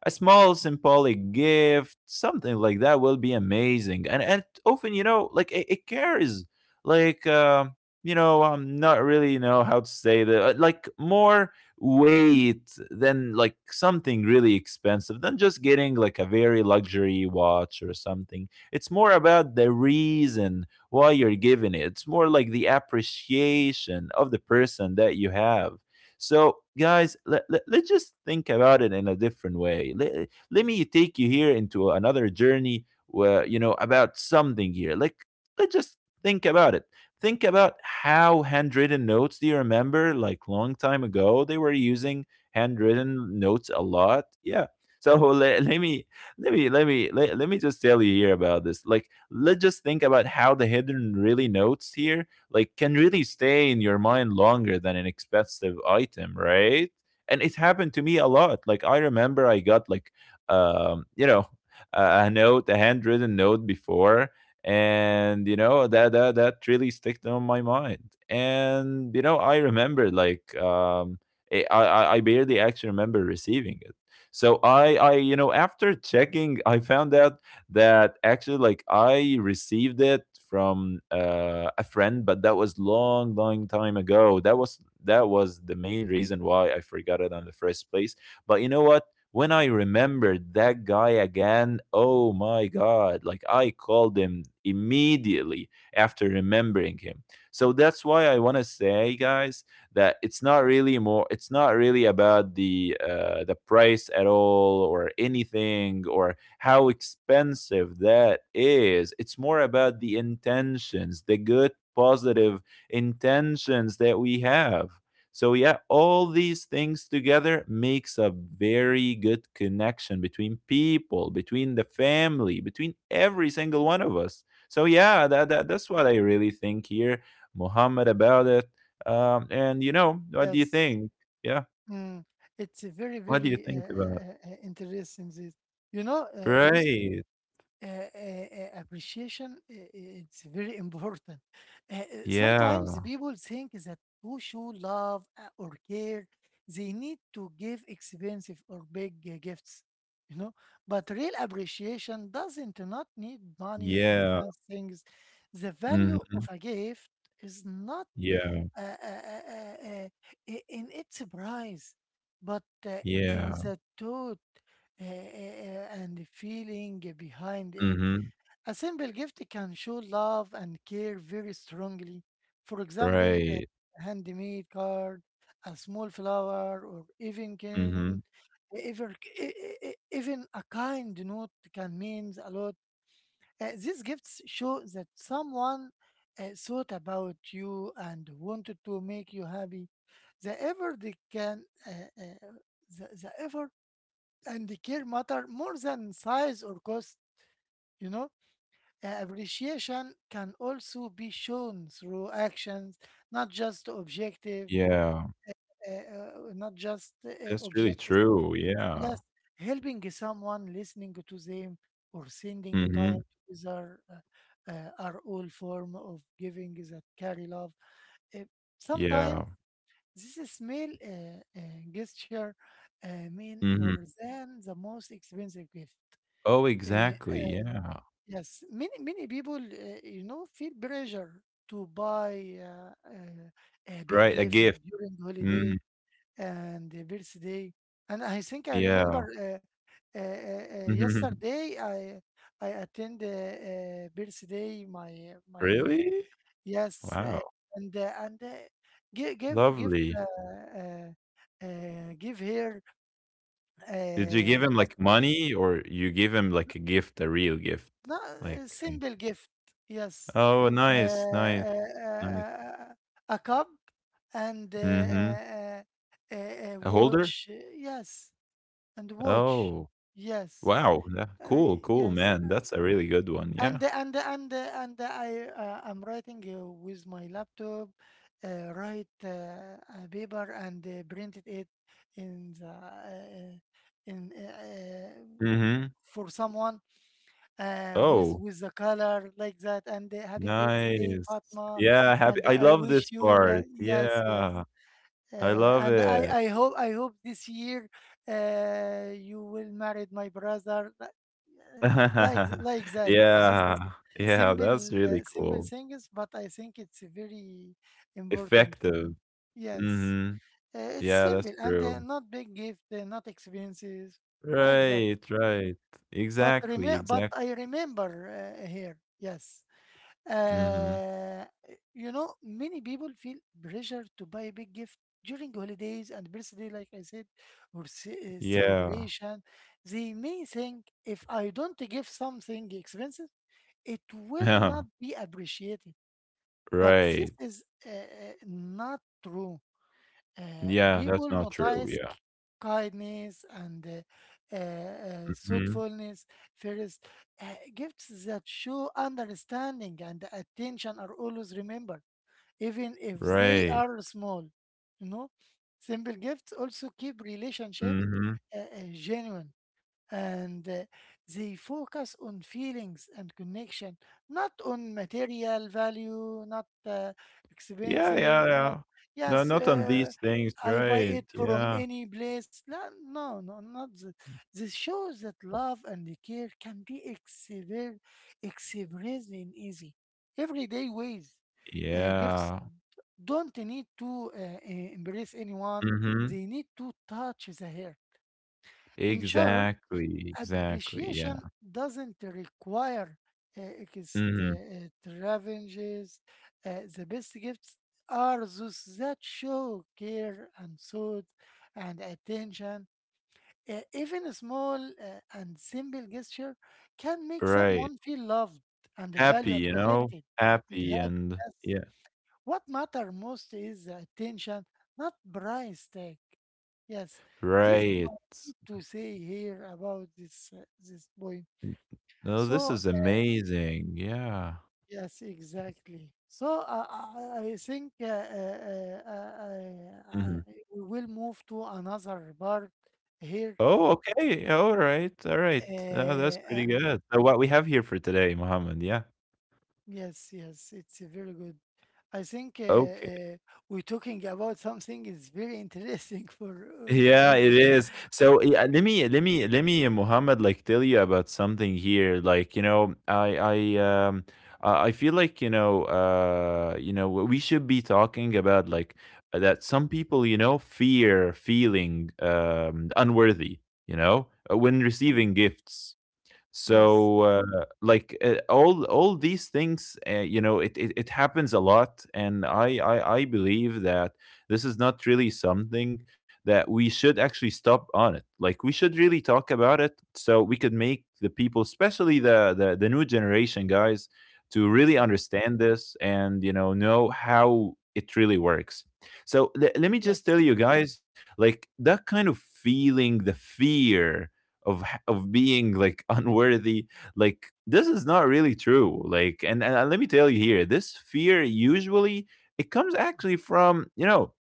Speaker 2: a small symbolic gift, something like that will be amazing. And and often, you know, like it, it carries like uh, you know, I'm not really know how to say that, uh, like more weight than like something really expensive, than just getting like a very luxury watch or something. It's more about the reason why you're giving it. It's more like the appreciation of the person that you have. So, guys, let, let, let's just think about it in a different way. Let, let me take you here into another journey where, you know, about something here. Like, let's just think about it. Think about how handwritten notes, do you remember, like long time ago, they were using handwritten notes a lot? Yeah. So let, let me let me, let me let, let me just tell you here about this. Like, let's just think about how the hidden really notes here like can really stay in your mind longer than an expensive item, right? And it happened to me a lot. Like I remember I got like um, you know, a a note, a handwritten note before, and you know that that that really sticked on my mind. And you know, I remember like um eh, I I, I barely actually remember receiving it. So I I, you know, after checking, I found out that actually like I received it from uh, a friend, but that was long, long time ago. That was that was the main reason why I forgot it in the first place. But you know what? When I remembered that guy again, oh my god! Like I called him immediately after remembering him. So that's why I want to say, guys, that it's not really more. It's not really about the uh, the price at all or anything, or how expensive that is. It's more about the intentions, the good, positive intentions that we have. So yeah, all these things together makes a very good connection between people, between the family, between every single one of us. So yeah, that, that that's what I really think here, Muhammad, about it. Um, and you know, what do you
Speaker 1: Yes.
Speaker 2: think? Yeah,
Speaker 1: Mm, it's a very,
Speaker 2: what do you
Speaker 1: very uh, uh,
Speaker 2: think about it?
Speaker 1: uh, uh, interesting. This, you know, uh, use
Speaker 2: Right.
Speaker 1: uh, uh, uh, appreciation. Uh, uh, it's very important. Uh, uh, sometimes
Speaker 2: Yeah.
Speaker 1: people think that to show love uh, or care, they need to give expensive or big uh, gifts. You know, but real appreciation doesn't not need money or
Speaker 2: Yeah.
Speaker 1: fancy things. The value of
Speaker 2: Mhm.
Speaker 1: a gift is not
Speaker 2: Yeah,
Speaker 1: uh, uh, uh, uh, uh, i- in its price, but uh, in
Speaker 2: yeah.
Speaker 1: the thought uh, uh, uh, and the feeling behind it.
Speaker 2: Mhm.
Speaker 1: A simple gift can show love and care very strongly. For example,
Speaker 2: Right.
Speaker 1: a handmade card, a small flower, or even can
Speaker 2: Mhm.
Speaker 1: even, e, e, e, even a kind note can mean a lot uh, These gifts show that someone uh, thought about you and wanted to make you happy. The effort they can, uh, uh, the, the effort and the care matter more than size or cost. You know. Uh, appreciation can also be shown through actions, not just objective,
Speaker 2: Yeah.
Speaker 1: uh, uh, not just
Speaker 2: That's
Speaker 1: uh,
Speaker 2: really
Speaker 1: objective.
Speaker 2: true, yeah.
Speaker 1: Yes, helping someone, listening to them, or sending a time
Speaker 2: Mhm.
Speaker 1: together uh, uh, are all form of giving that carry love. Uh,
Speaker 2: Yeah.
Speaker 1: Sometimes this small uh, uh, gesture uh, mean
Speaker 2: Mhm.
Speaker 1: more than the most expensive gift.
Speaker 2: Oh,
Speaker 1: Uh,
Speaker 2: exactly,
Speaker 1: uh,
Speaker 2: yeah.
Speaker 1: yes, many many people, uh, you know, feel pressure to buy uh, uh, a big
Speaker 2: Right, a
Speaker 1: gift
Speaker 2: gift.
Speaker 1: during
Speaker 2: Mm,
Speaker 1: holiday and the birthday. And I think I
Speaker 2: yeah.
Speaker 1: remember
Speaker 2: Mm-hmm.
Speaker 1: uh, uh, uh, uh, yesterday I I attend uh, uh, birthday my my uh,
Speaker 2: Really?
Speaker 1: yes, uh,
Speaker 2: Wow,
Speaker 1: and uh, and uh, give give give
Speaker 2: lovely.
Speaker 1: uh, uh, uh, give her
Speaker 2: Did you give
Speaker 1: uh,
Speaker 2: him,
Speaker 1: just
Speaker 2: like, money, or you give him, like, a gift, a real gift?
Speaker 1: not a
Speaker 2: Like a.
Speaker 1: simple gift, yes,
Speaker 2: Oh,
Speaker 1: uh,
Speaker 2: nice, nice,
Speaker 1: uh,
Speaker 2: nice.
Speaker 1: uh, a cup and uh,
Speaker 2: Mhm.
Speaker 1: uh, uh, uh,
Speaker 2: A
Speaker 1: uh,
Speaker 2: holder?
Speaker 1: watch, uh, yes, and watch,
Speaker 2: Oh,
Speaker 1: yes.
Speaker 2: wow. Yeah.
Speaker 1: Uh,
Speaker 2: Cool, cool,
Speaker 1: yes,
Speaker 2: man. That's a really good one, yeah.
Speaker 1: and and and and I uh, I'm writing uh, with my laptop, uh, write uh, a paper and uh, printed it in the uh, in uh, uh,
Speaker 2: Mhm.
Speaker 1: for someone uh, with
Speaker 2: Oh,
Speaker 1: with the color like that, and uh, happy birthday
Speaker 2: nice.
Speaker 1: Fatma,
Speaker 2: Yeah, happy,
Speaker 1: and
Speaker 2: I
Speaker 1: I
Speaker 2: love
Speaker 1: wish
Speaker 2: this
Speaker 1: you
Speaker 2: part.
Speaker 1: like, yes yes,
Speaker 2: Yeah, I
Speaker 1: uh,
Speaker 2: love
Speaker 1: and I,
Speaker 2: it.
Speaker 1: I hope I hope this year uh, you will marry my brother li- uh, like like that. Just
Speaker 2: Yeah, yeah, that's
Speaker 1: simple uh,
Speaker 2: really
Speaker 1: simple
Speaker 2: cool.
Speaker 1: things, but I think it's very important for me.
Speaker 2: Effective.
Speaker 1: Yes,
Speaker 2: Mhm.
Speaker 1: uh, it's
Speaker 2: Yeah,
Speaker 1: simple
Speaker 2: that's
Speaker 1: and uh,
Speaker 2: true.
Speaker 1: not big gift, uh, not expenses like that.
Speaker 2: Right, right.
Speaker 1: But rem
Speaker 2: Exactly, exactly,
Speaker 1: but
Speaker 2: exact.
Speaker 1: I remember uh, here. Yes.
Speaker 2: Mhm.
Speaker 1: Uh, you know, many people feel pressure to buy a big gift during holidays and birthday, like I said, or ce- uh,
Speaker 2: Yeah.
Speaker 1: celebration. They may think if I don't give something expensive, it will
Speaker 2: Yeah.
Speaker 1: not be appreciated. But this
Speaker 2: Right.
Speaker 1: is uh, uh, not true. Uh,
Speaker 2: Yeah, that's
Speaker 1: people
Speaker 2: not true,
Speaker 1: notice
Speaker 2: yeah.
Speaker 1: k- kindness and uh, uh, uh,
Speaker 2: Mhm.
Speaker 1: thoughtfulness first. Uh, Gifts that show understanding and attention are always remembered, even if they
Speaker 2: Right.
Speaker 1: are small. You know, simple gifts also keep relationships
Speaker 2: Mhm.
Speaker 1: uh, uh, genuine, and uh, they focus on feelings and connection, not on material value, not uh,
Speaker 2: Yeah, yeah,
Speaker 1: expenses, not,
Speaker 2: yeah. No,
Speaker 1: yes,
Speaker 2: not on
Speaker 1: uh,
Speaker 2: these things,
Speaker 1: I buy
Speaker 2: right,
Speaker 1: it from
Speaker 2: yeah.
Speaker 1: any place. No, no, no not th- this shows that love and care can be exhibi- expressed in easy, everyday ways. Uh, gifts
Speaker 2: Yeah.
Speaker 1: don't need to uh, uh, embrace anyone;
Speaker 2: Mhm.
Speaker 1: they need to touch the hair. In short,
Speaker 2: Exactly, exactly,
Speaker 1: appreciation
Speaker 2: yeah.
Speaker 1: doesn't require uh,
Speaker 2: Mhm.
Speaker 1: extravagances. Uh, the best gifts are those that show care and thought and attention. Uh, even a small uh, and simple gesture can make
Speaker 2: Right.
Speaker 1: someone feel loved and
Speaker 2: Happy,
Speaker 1: valued and
Speaker 2: you know?
Speaker 1: connected and
Speaker 2: Happy
Speaker 1: happy.
Speaker 2: and
Speaker 1: Yes.
Speaker 2: yeah.
Speaker 1: What matter most is the attention, not price tag. Yes, this
Speaker 2: Right.
Speaker 1: might need to say here about this uh, this point.
Speaker 2: No, this
Speaker 1: So
Speaker 2: is amazing. Yeah.
Speaker 1: yes, exactly. So uh, I, I think uh, uh, uh, uh, I,
Speaker 2: Mhm.
Speaker 1: we will move to another part here.
Speaker 2: Oh, okay. Alright, alright. Uh, that's
Speaker 1: Uh, uh,
Speaker 2: pretty good. So what we have here for today, Mohammed, yeah.
Speaker 1: yes, yes, it's a very good. I think uh,
Speaker 2: Okay.
Speaker 1: uh, we're talking about something is very interesting for all the
Speaker 2: Yeah, it
Speaker 1: people.
Speaker 2: is. So yeah, let me let me let me uh, Muhammad, like tell you about something here. Like you know, I I um I I feel like you know uh you know we should be talking about like that some people you know fear feeling um unworthy, you know uh, when
Speaker 1: Yes,
Speaker 2: receiving gifts.
Speaker 1: yes.
Speaker 2: so uh, like uh, all all these things, uh, you know, it, it it happens a lot, and I, I i believe that this is not really something that we should actually stop on. It Like, we should really talk about it so we could make the people, especially the the, the new generation guys, to really
Speaker 1: Exactly.
Speaker 2: understand this and you know know how it really works. So le- let me just tell
Speaker 1: Yes.
Speaker 2: you guys, like, that kind of feeling, the fear of of being like unworthy, like, this is not really true. Like, and, and uh, let me tell you here, this fear usually it comes actually from, you know,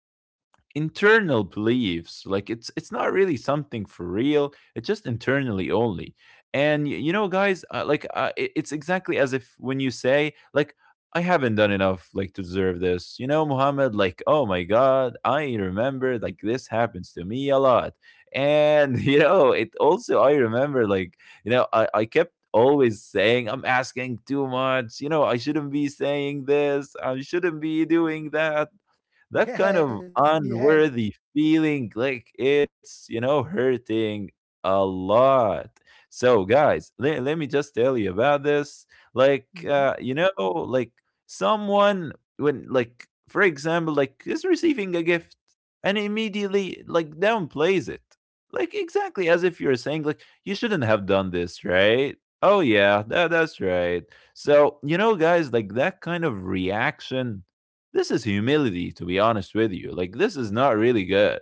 Speaker 2: internal beliefs. Like, it's it's not really something for real, it's just internally only. And y- you know guys, uh, like uh, it- it's exactly as if when you say like I haven't done enough, like, to deserve this. You know, Muhammad, like, oh my god, I remember, like, this happens to me a lot. And you know, it also, I remember, like, you know, i, I kept always saying I'm asking too much. You know, I shouldn't be saying this, I shouldn't be doing that. That kind of
Speaker 1: Yes. Yes.
Speaker 2: unworthy feeling, like, it's, you know, hurting a lot. So guys, let, let me just tell you about this, like
Speaker 1: Mm-hmm.
Speaker 2: uh you know like, someone, when like for example like is receiving a gift and immediately like downplays it, like, exactly as if you're saying like, you shouldn't have done this. Right? Oh yeah, that, that's right. So you know guys, like, that kind of reaction, this is humility, to be honest with you. Like, this is not really good.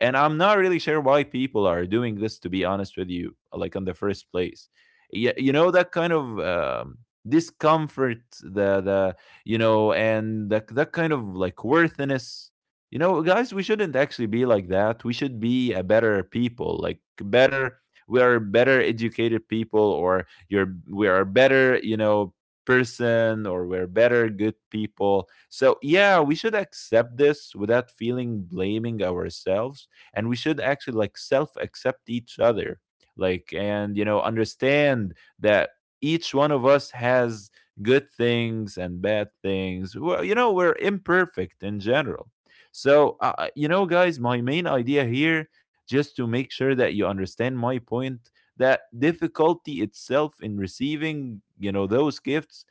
Speaker 2: And I'm not really sure why people are doing this, to be honest with you, like, in the first place. Yeah, you know, that kind of Um, discomfort, the the you know, and that, that kind of like worthiness. You know guys, we shouldn't actually be like that. We should be a better people, like, better. We are better educated people, or you're we are better, you know, person, or we're better good people. So yeah, we should accept this without feeling blaming ourselves, and we should actually like self accept each other. Like, and you know, understand that each one of us has good things and bad things. Well, you know, we're imperfect in general. So, uh, uh, you know guys, my main idea here, just to make sure that you understand my point, that difficulty itself in receiving, you know, those gifts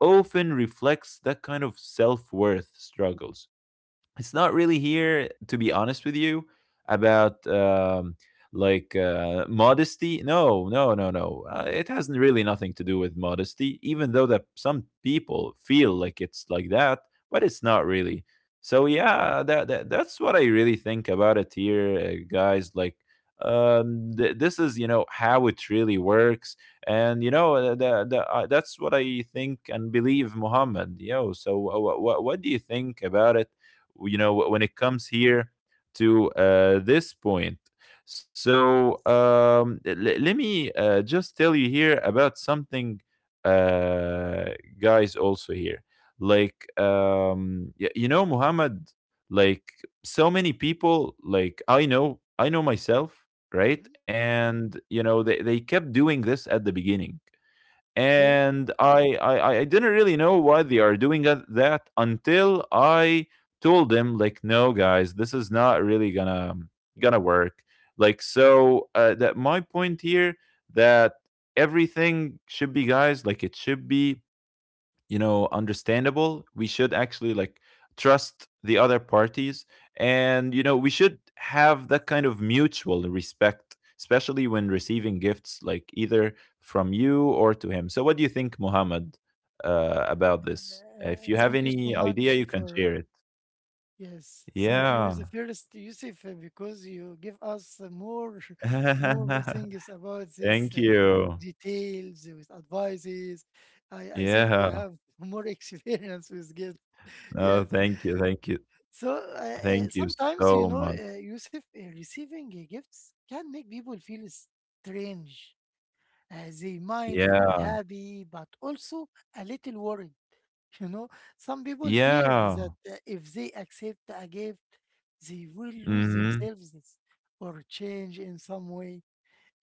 Speaker 2: often reflects that kind of self-worth struggles. It's not really here, to be honest with you, about um like uh modesty. No no no no, uh, it has n- really nothing to do with modesty, even though that some people feel like it's like that, but it's not really. So yeah, that, that that's what I really think about it here, uh, guys. Like, um th- this is, you know, how it really works. And you know, uh, the, the, uh, that's what I think and believe, Muhammad. Yo, so what what, what do you think about it, you know, when it comes here to, uh, this point. So um, l- let me, uh, just tell you here about something, uh, guys. Also here, like, um, y- you know, Muhammad, like, so many people, like, i know I know myself, right?
Speaker 1: Mm-hmm.
Speaker 2: And you know, they, they kept doing this at the beginning,
Speaker 1: Okay.
Speaker 2: and I, I I didn't really know why they are doing that that until I told them like, no, guys, this is not really gonna gonna work. Like, so uh, that my point here, that everything should be, guys, like, it should be, you know, understandable. We should actually like trust the other parties, and you know, we should have that kind of mutual respect, especially when receiving gifts, like, either from you or to him. So what do you think, Muhammad, uh, about this? If
Speaker 1: Uh,
Speaker 2: you have
Speaker 1: thank you so
Speaker 2: any idea
Speaker 1: much
Speaker 2: you can share
Speaker 1: for
Speaker 2: it.
Speaker 1: yes. Thank you, the
Speaker 2: Yeah.
Speaker 1: first Yusuf, uh, because you give us uh, more, more things about this
Speaker 2: Thank
Speaker 1: uh, uh,
Speaker 2: you.
Speaker 1: details with advices. I I think you
Speaker 2: Yeah.
Speaker 1: have more experience with gift.
Speaker 2: No,
Speaker 1: Yes.
Speaker 2: thank you, thank you.
Speaker 1: So uh, uh,
Speaker 2: Thank you
Speaker 1: sometimes you
Speaker 2: so
Speaker 1: know,
Speaker 2: much.
Speaker 1: uh, Yusuf, uh, receiving uh, gifts can make people feel strange. Uh, they might feel
Speaker 2: Yeah.
Speaker 1: happy but also a little worried. You know, some people fear
Speaker 2: Yeah.
Speaker 1: that uh, if they accept a gift, they will lose
Speaker 2: Mm-hmm.
Speaker 1: themselves or change in some way.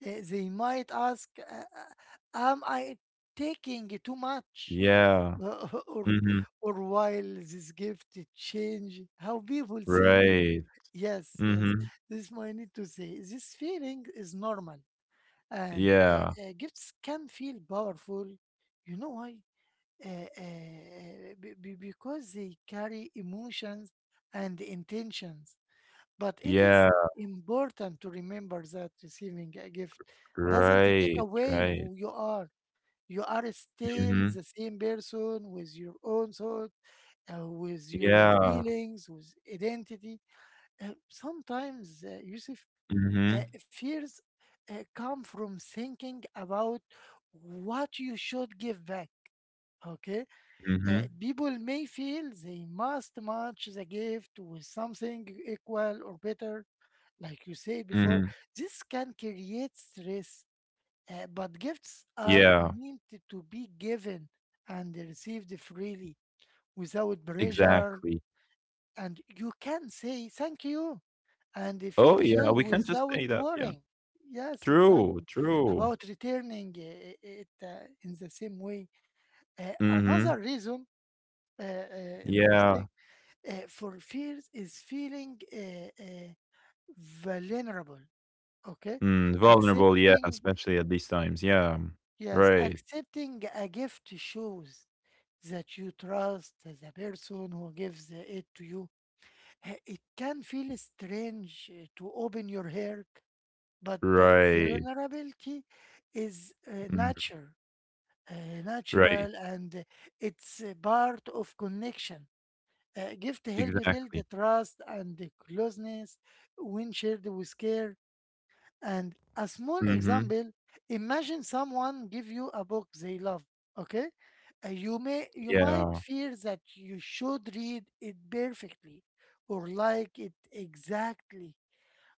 Speaker 1: Uh, they might ask, uh, uh, "Am I taking too much?"
Speaker 2: Yeah.
Speaker 1: or,
Speaker 2: Hmm.
Speaker 1: or while this gift change how people see me.
Speaker 2: Right.
Speaker 1: Yes, yes.
Speaker 2: Mhm.
Speaker 1: This might need to say this feeling is normal, and
Speaker 2: Yeah.
Speaker 1: uh, uh, gifts can feel powerful. You know why? Uh, uh, be- be- because they carry emotions and intentions. But it is
Speaker 2: Yeah.
Speaker 1: important to remember that receiving a gift doesn't
Speaker 2: Right,
Speaker 1: take away
Speaker 2: right.
Speaker 1: who you are. You are still
Speaker 2: Mhm.
Speaker 1: the same person with your own thoughts, uh, with your
Speaker 2: Yeah.
Speaker 1: feelings, with identity. Uh, sometimes, uh, Yusuf,
Speaker 2: Mhm.
Speaker 1: uh, fears uh, come from thinking about what you should give back. Okay. Uh,
Speaker 2: Mhm.
Speaker 1: people may feel they must match the gift with something equal or better, like you said
Speaker 2: Mhm.
Speaker 1: before. This can create stress, uh, but gifts are
Speaker 2: Yeah.
Speaker 1: meant to be given and received freely without pressure,
Speaker 2: Exactly.
Speaker 1: and you can say thank you and they feel
Speaker 2: Oh, yeah,
Speaker 1: joy
Speaker 2: we can just
Speaker 1: without
Speaker 2: say that, yeah.
Speaker 1: worrying. Yes,
Speaker 2: True,
Speaker 1: exactly.
Speaker 2: true.
Speaker 1: About returning uh, it uh, in the same way. Uh,
Speaker 2: Mhm.
Speaker 1: another reason, uh, uh, in my
Speaker 2: Yeah.
Speaker 1: saying, uh, for fears is feeling uh, uh, vulnerable. Okay,
Speaker 2: Mm, vulnerable, yeah,
Speaker 1: accepting.
Speaker 2: especially at these times, yeah.
Speaker 1: Yes,
Speaker 2: Right.
Speaker 1: accepting a gift shows that you trust the person who gives it to you. Uh, It can feel strange uh, to open your heart. But uh,
Speaker 2: Right.
Speaker 1: vulnerability is uh,
Speaker 2: Mm,
Speaker 1: nature, uh,
Speaker 2: right.
Speaker 1: natural, and uh, it's a part of connection. Uh, gift help build the
Speaker 2: Exactly.
Speaker 1: trust and the closeness when shared with care. And a small
Speaker 2: Mhm.
Speaker 1: example: imagine someone give you a book they love. Okay. Uh, you may you might
Speaker 2: Yeah.
Speaker 1: fear that you should read it perfectly or like it exactly,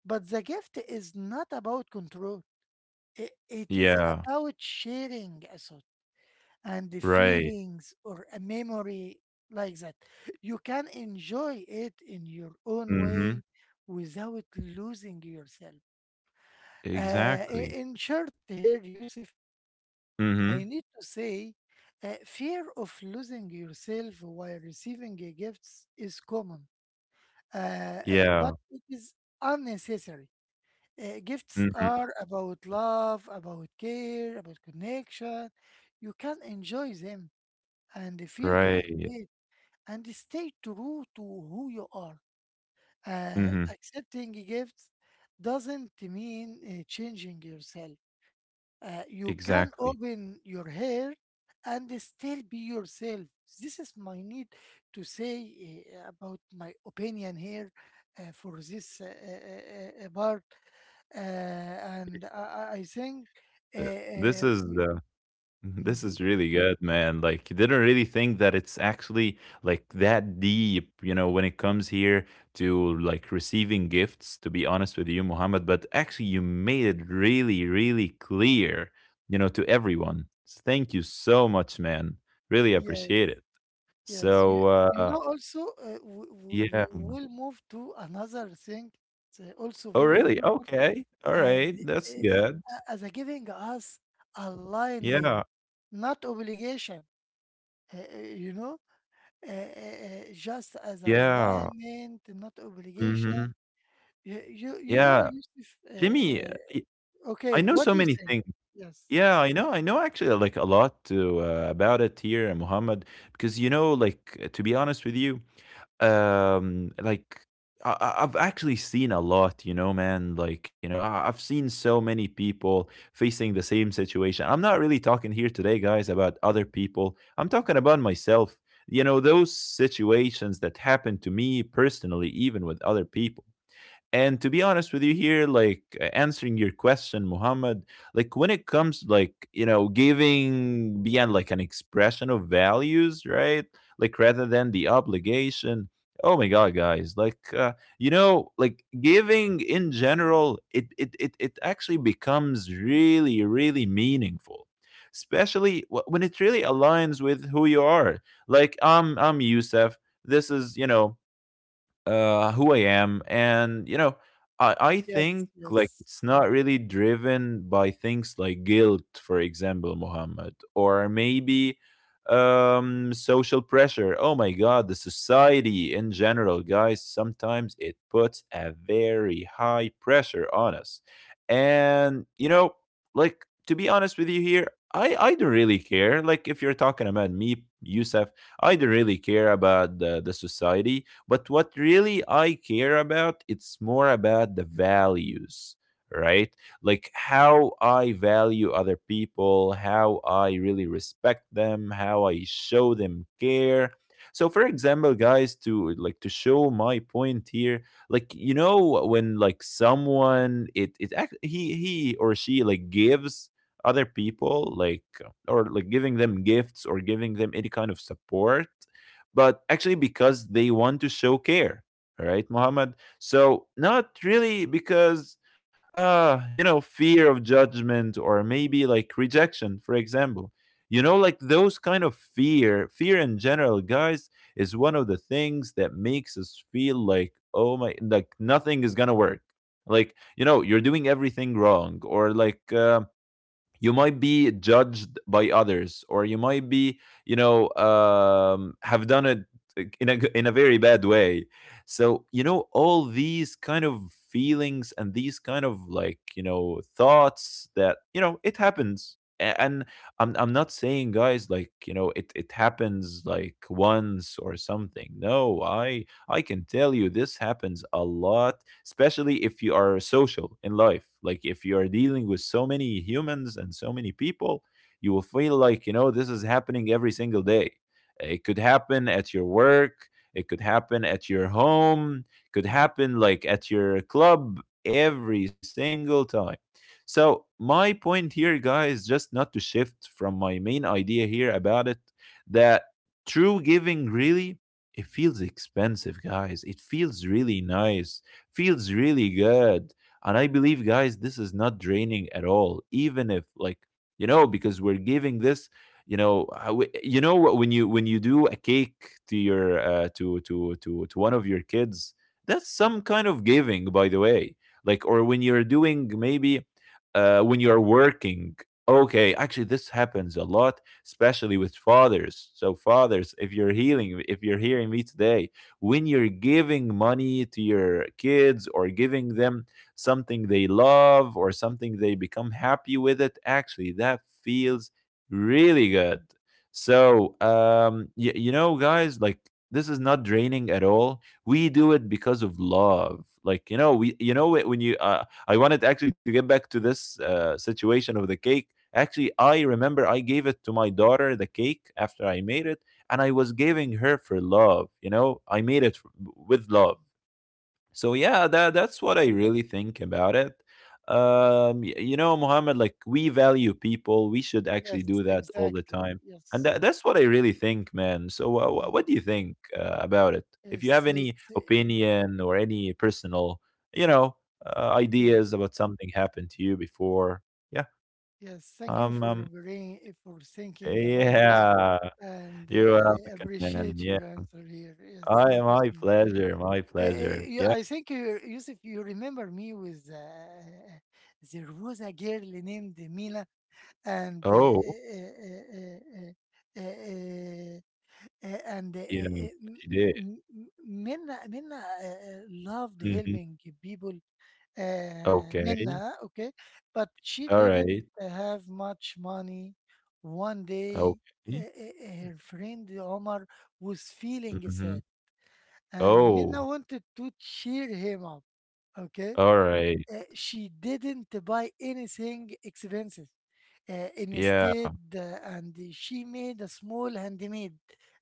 Speaker 1: but the gift is not about control. It, it is
Speaker 2: Yeah.
Speaker 1: about sharing a thought and the
Speaker 2: Right.
Speaker 1: feelings or a memory like that. You can enjoy it in your own way
Speaker 2: Mhm.
Speaker 1: without losing yourself. Uh, i-
Speaker 2: Exactly.
Speaker 1: in short, here, Yusuf, I
Speaker 2: Mhm.
Speaker 1: need to say uh, fear of losing yourself while receiving a gifts is common, uh, uh, but
Speaker 2: Yeah.
Speaker 1: it is unnecessary. Uh, gifts
Speaker 2: Mhm.
Speaker 1: are about love, about care, about connection. You can enjoy them and feel
Speaker 2: Right.
Speaker 1: gratitude and stay true to who you are. Uh,
Speaker 2: Mhm.
Speaker 1: accepting gifts doesn't mean uh, changing yourself. Uh, you can
Speaker 2: Exactly.
Speaker 1: open your hair and still be yourself. This is my need to say uh, about my opinion here uh, for this uh, uh, uh, uh, part. Uh, and I, I I think,
Speaker 2: Th
Speaker 1: uh,
Speaker 2: This
Speaker 1: uh,
Speaker 2: is,
Speaker 1: we,
Speaker 2: uh this
Speaker 1: Mhm.
Speaker 2: is really good, man. Like, you didn't really think that it's actually, like, that deep, you know, when it comes here to, like, receiving gifts, to be honest with you, Muhammad, but actually you made it really, really clear, you know, to everyone. S Thank you so much, man. Really
Speaker 1: Yes,
Speaker 2: appreciate it.
Speaker 1: yes. You,
Speaker 2: So,
Speaker 1: you
Speaker 2: uh,
Speaker 1: know, also, uh, we,
Speaker 2: yeah.
Speaker 1: we will move to another thing. It's uh, also
Speaker 2: Oh,
Speaker 1: very
Speaker 2: really?
Speaker 1: important.
Speaker 2: Okay.
Speaker 1: And
Speaker 2: Alright. That's
Speaker 1: uh,
Speaker 2: good.
Speaker 1: uh, as a giving us
Speaker 2: Yeah.
Speaker 1: alignment, not obligation, uh, uh, you know, uh, uh, uh, just as
Speaker 2: Yeah.
Speaker 1: alignment, not obligation.
Speaker 2: Mhm.
Speaker 1: You you, you know,
Speaker 2: Yeah.
Speaker 1: Yusuf. Uh,
Speaker 2: Lemme i
Speaker 1: uh,
Speaker 2: I
Speaker 1: okay,
Speaker 2: know
Speaker 1: what
Speaker 2: so
Speaker 1: do you
Speaker 2: many
Speaker 1: think?
Speaker 2: things.
Speaker 1: Yes,
Speaker 2: Yeah, I know, I know actually, like, a lot to, uh, about it here, Muhammad. Because, you know, like, uh, to be honest with you, um, like, I I I've actually seen a lot, you know, man. Like, you know, I I've seen so many people facing the same situation. I'm not really talking here today, guys, about other people. I'm talking about myself. You know, those situations that happened to me personally, even with other people. And to be honest with you here, like, uh, answering your question, Muhammad, like, when it comes like, you know, giving beyond like an expression of values, right, like rather than the obligation. Oh my god, guys, like, uh, you know, like, giving in general, it, it it it actually becomes really, really meaningful, especially wh- when it really aligns with who you are. Like, i'm I'm Yusef, this is, you know, uh, who I am. And you know, I I
Speaker 1: yes,
Speaker 2: think, like,
Speaker 1: yes,
Speaker 2: it's not really driven by things like guilt, for example, Muhammad, or maybe um social pressure. Oh my god, the society in general, guys, sometimes it puts a very high pressure on us. And you know, like, to be honest with you here, i i don't really care, like, if you're talking about me, Yusef. I don't really care about the, the society. But what really I care about, it's more about the values, right? Like, how I value other people, how I really respect them, how I show them care. So for example, guys, to like to show my point here, like, you know, when like someone it it act- he he or she like gives other people, like, or like giving them gifts or giving them any kind of support, but actually because they want to show care. All right, Muhammad. So not really because uh you know, fear of judgment, or maybe like rejection, for example. You know, like, those kind of fear, fear in general, guys, is one of the things that makes us feel like, oh my, like nothing is gonna work. Like, you know, you're doing everything wrong, or like, um, you might be judged by others, or you might be, you know, um, have done it like, in a g- in a very bad way. So you know, all these kind of feelings and these kind of, like, you know, thoughts that, you know, it happens. A- and i'm i'm not saying guys, like, you know, it it happens like once or something. No, i i can tell you this happens a lot, especially if you are social in life. Like, if you are dealing with so many humans and so many people, you will feel like, you know, this is happening every single day. It could happen at your work, it could happen at your home, could happen like at your club, every single time. So, my point here, guys, just not to shift from my main idea here about it, that true giving really, it feels expensive, guys. It feels really nice, feels really good. And I believe, guys, this is not draining at all. Even if, like, you know, because we're giving this, you know, I w- you know, when you when you do a cake to your, uh, to to to to one of your kids, that's some kind of giving, by the way. Like, or when you're doing maybe, uh, when you're working. Okay, actually, this happens a lot, especially with fathers. So, fathers, if you're healing, if you're hearing me today, when you're giving money to your kids or giving them something they love, or something they become happy with, it actually, that feels really good. So um y- you know guys, like, this is not draining at all. We do it because of love. Like, you know, we you know, wh- when you, uh, I wanted actually to get back to this, uh, situation of the cake. Actually, I remember I gave it to my daughter, the cake, after I made it. And I was giving her for love. You know, I made it with love. So yeah, that that's what I really think about it. Um, y- you know, Mohammed, like, we value people, we should actually do
Speaker 1: yes,
Speaker 2: that all the
Speaker 1: exactly.
Speaker 2: time. And
Speaker 1: Yes.
Speaker 2: that, that's what I really think, man. So uh, wh- what
Speaker 1: Mm.
Speaker 2: do you think, uh, about it? If you have
Speaker 1: Yes, it,
Speaker 2: any opinion or any personal, you know, uh,
Speaker 1: yes,
Speaker 2: ideas about something happened to you before, yeah,
Speaker 1: yes. Thank you
Speaker 2: um,
Speaker 1: for
Speaker 2: um
Speaker 1: bringing for thinking about this.
Speaker 2: yeah,
Speaker 1: And
Speaker 2: you're
Speaker 1: uh, I
Speaker 2: welcome, man.
Speaker 1: appreciate
Speaker 2: Yeah.
Speaker 1: your answer here. Yes,
Speaker 2: I
Speaker 1: thank you
Speaker 2: my
Speaker 1: so much.
Speaker 2: pleasure, my
Speaker 1: Uh,
Speaker 2: pleasure.
Speaker 1: you,
Speaker 2: Yeah.
Speaker 1: I think, you, Yusuf, you remember me with uh, there was a girl named Mina, and uh,
Speaker 2: Oh,
Speaker 1: uh, uh, uh, uh, uh, uh, and uh, uh,
Speaker 2: yeah,
Speaker 1: uh, M-
Speaker 2: she did.
Speaker 1: M- M- Mina, Mina uh, uh, loved
Speaker 2: Mhm.
Speaker 1: helping people, uh,
Speaker 2: Okay.
Speaker 1: Minna, okay, but she didn't
Speaker 2: Alright.
Speaker 1: have much money. One day, uh,
Speaker 2: Okay.
Speaker 1: uh, her friend Omar was feeling sad,
Speaker 2: Mhm.
Speaker 1: and
Speaker 2: Oh,
Speaker 1: Minna wanted to cheer him up. Okay.
Speaker 2: alright.
Speaker 1: Uh, she didn't buy anything expensive. Uh,
Speaker 2: Yeah,
Speaker 1: instead, uh, and she made a small handmade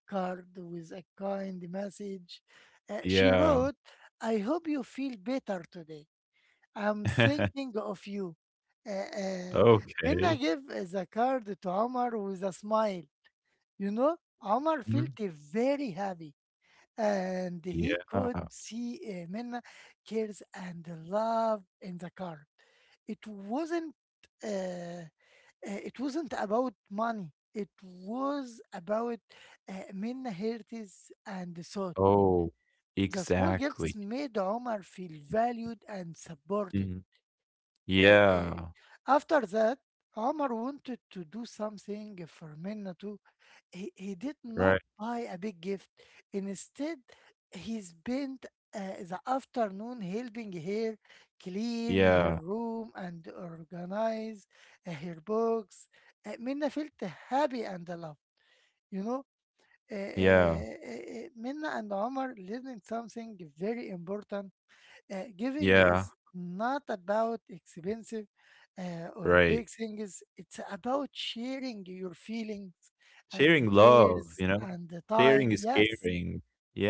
Speaker 1: card with a kind message. Uh, she
Speaker 2: yeah.
Speaker 1: wrote, "I hope you feel better today. I'm thinking of you." Uh, uh, Minna
Speaker 2: Okay.
Speaker 1: gave eh, the card to Omar with a smile. You know, Omar
Speaker 2: Mhm.
Speaker 1: felt very happy, and he
Speaker 2: Yeah.
Speaker 1: could see uh, Minna cares and love in the card. It wasn't. Uh, uh, it wasn't about money. It was about uh, Minna heritage and thought.
Speaker 2: Oh,
Speaker 1: The small gifts
Speaker 2: exactly.
Speaker 1: made Omar feel valued and supported.
Speaker 2: Mhm.
Speaker 1: Uh, uh,
Speaker 2: Yeah,
Speaker 1: After that, Omar wanted to do something for Minna too. He, he did not
Speaker 2: right.
Speaker 1: buy a big gift. Instead, he spent uh, the afternoon helping her clean her
Speaker 2: Yeah,
Speaker 1: room and organize uh, her books. Uh, Minna felt happy and loved. You know, uh,
Speaker 2: yeah,
Speaker 1: uh, uh, uh, Minna and Omar learning something very important. Uh, giving
Speaker 2: yeah,
Speaker 1: is not about expensive uh, or
Speaker 2: right.
Speaker 1: big things. It's about sharing your feelings and the
Speaker 2: Sharing love,
Speaker 1: cares
Speaker 2: you know?
Speaker 1: and the
Speaker 2: Sharing
Speaker 1: time.
Speaker 2: is
Speaker 1: Yes,
Speaker 2: caring.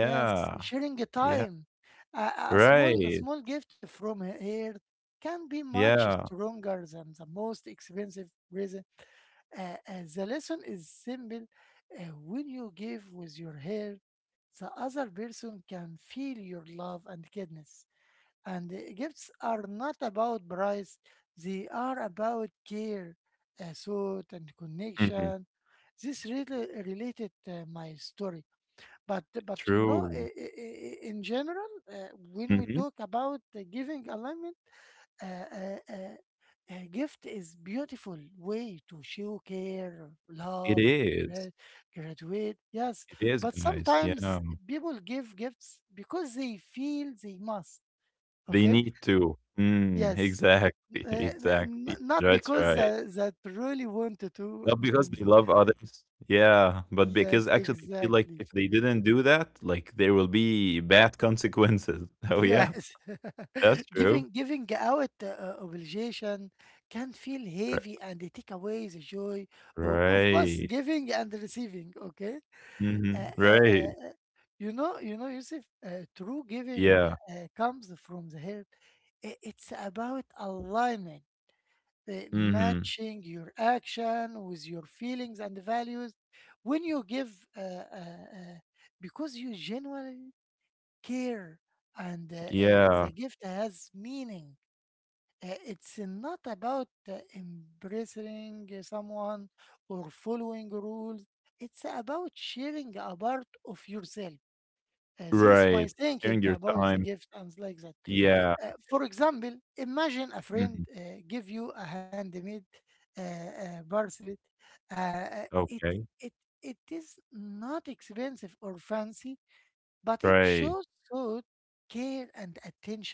Speaker 1: yes, sharing the
Speaker 2: Yeah.
Speaker 1: time. A, a small, a
Speaker 2: Right.
Speaker 1: small gift from here can be much
Speaker 2: Yeah.
Speaker 1: stronger than the most expensive present. Uh, uh, the lesson is simple. Uh, when you give with your hair, the other person can feel your love and kindness, and uh, gifts are not about price, they are about care, uh, thought and
Speaker 2: Mhm.
Speaker 1: connection. This really related uh, my story, but but you know, i-
Speaker 2: True.
Speaker 1: i- i- in general, uh, when we
Speaker 2: Mhm.
Speaker 1: talk about uh, giving alignment, uh, uh, uh, a gift is beautiful way to show care,
Speaker 2: It
Speaker 1: love and
Speaker 2: is.
Speaker 1: gra- graduate. Yes,
Speaker 2: It is,
Speaker 1: but
Speaker 2: guys. Yeah.
Speaker 1: sometimes people give gifts because they feel they must.
Speaker 2: They
Speaker 1: Okay.
Speaker 2: need to. Mm,
Speaker 1: Yes.
Speaker 2: exactly.
Speaker 1: N- n-
Speaker 2: Exactly.
Speaker 1: n- not
Speaker 2: That's
Speaker 1: because
Speaker 2: right.
Speaker 1: uh, that really wanted to.
Speaker 2: Not because they
Speaker 1: And
Speaker 2: love others. Yeah. But because
Speaker 1: yes,
Speaker 2: actually they feel like
Speaker 1: exactly.
Speaker 2: if they didn't do that, like there will be bad consequences. Oh, yeah.
Speaker 1: Yes.
Speaker 2: That's true.
Speaker 1: giving giving out uh, uh, obligation can feel
Speaker 2: Ri-
Speaker 1: heavy and they take away the joy of, of both
Speaker 2: Right.
Speaker 1: giving and receiving, okay?
Speaker 2: Hmm.
Speaker 1: uh, uh, uh,
Speaker 2: Right.
Speaker 1: uh, you know, you know, Yusuf, uh, true giving
Speaker 2: Yeah.
Speaker 1: uh, comes from the heart. I- It's about aligning, uh,
Speaker 2: Hmm.
Speaker 1: matching your action with your feelings and values when you give, uh, uh, uh, because you genuinely care, and uh, uh,
Speaker 2: Yeah.
Speaker 1: the gift has meaning. Uh, it's not about uh, impressing someone or following rules, it's about sharing a part of yourself. Uh, this is my
Speaker 2: Right.
Speaker 1: thinking
Speaker 2: Sharing your
Speaker 1: about the
Speaker 2: time.
Speaker 1: gift and like that.
Speaker 2: Yeah.
Speaker 1: Uh, for example, imagine a friend
Speaker 2: Hmm.
Speaker 1: uh, give you a handmade uh, uh, bracelet. Uh, uh, it
Speaker 2: Okay.
Speaker 1: it it is not expensive or fancy, but it shows
Speaker 2: Right.
Speaker 1: thought, care, and attention.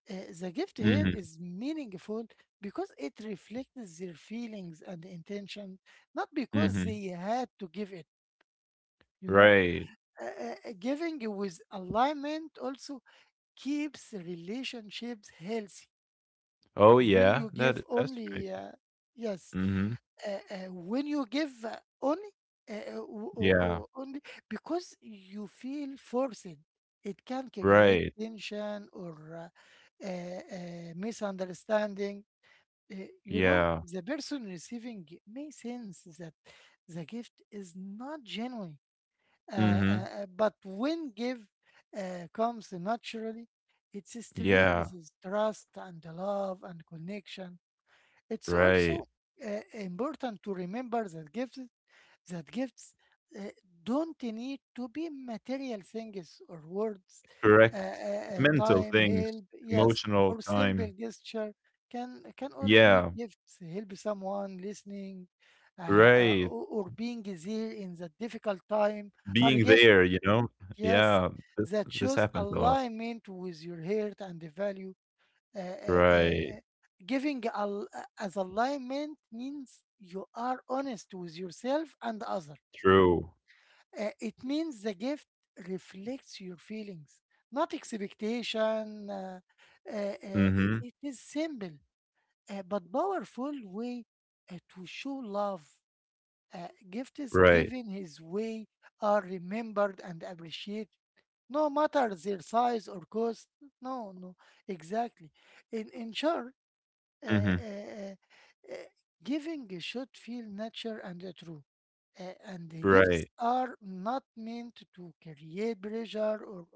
Speaker 1: Uh, the gift here
Speaker 2: Mhm,
Speaker 1: is meaningful because it reflects their feelings and intention, not because they
Speaker 2: mhm,
Speaker 1: had to give it. You know,
Speaker 2: right.
Speaker 1: uh, uh, uh, giving with alignment also keeps relationships healthy.
Speaker 2: Oh,
Speaker 1: When you
Speaker 2: yeah,
Speaker 1: give
Speaker 2: that that's right.
Speaker 1: only, uh, yes,
Speaker 2: Mhm,
Speaker 1: uh, uh, when you give uh, only, uh, uh, o- o-
Speaker 2: yeah,
Speaker 1: o- only because you feel forced, it can create
Speaker 2: right,
Speaker 1: tension or uh, uh, uh, misunderstanding. Uh, you know,
Speaker 2: yeah,
Speaker 1: the person receiving may sense that the gift is not genuine. uh, uh,
Speaker 2: mhm,
Speaker 1: uh, but when give uh, comes naturally, it
Speaker 2: yeah,
Speaker 1: strengthens trust and love and connection. It's
Speaker 2: right,
Speaker 1: also uh, important to remember that gifts that gifts uh, don't need to be material things or words. Uh,
Speaker 2: correct.
Speaker 1: uh, uh,
Speaker 2: Mental
Speaker 1: time,
Speaker 2: things,
Speaker 1: help, yes,
Speaker 2: emotional
Speaker 1: or simple
Speaker 2: time.
Speaker 1: gesture can can all be
Speaker 2: Yeah,
Speaker 1: gifts. Help someone listening, uh, uh,
Speaker 2: right,
Speaker 1: or or being there in the difficult time are
Speaker 2: being
Speaker 1: gifts.
Speaker 2: there, you know?
Speaker 1: Yes,
Speaker 2: Yeah, this
Speaker 1: that
Speaker 2: this
Speaker 1: shows
Speaker 2: happens a lot.
Speaker 1: alignment with your heart and the value. Uh, uh, uh,
Speaker 2: Right,
Speaker 1: uh, Giving al- uh, as alignment means you are honest with yourself and other.
Speaker 2: true.
Speaker 1: Uh, it means the gift reflects your feelings, not expectation. Uh, uh, uh, i-
Speaker 2: Mhm,
Speaker 1: it is simple, uh, but powerful way uh, to show love. Uh, gifts
Speaker 2: right,
Speaker 1: given his way are remembered and appreciated no matter their size or cost. No, no, exactly. In in short, uh, uh,
Speaker 2: mhm,
Speaker 1: uh, uh, giving should feel natural and uh, true. Uh, and the gifts
Speaker 2: right.
Speaker 1: are not meant to create pressure or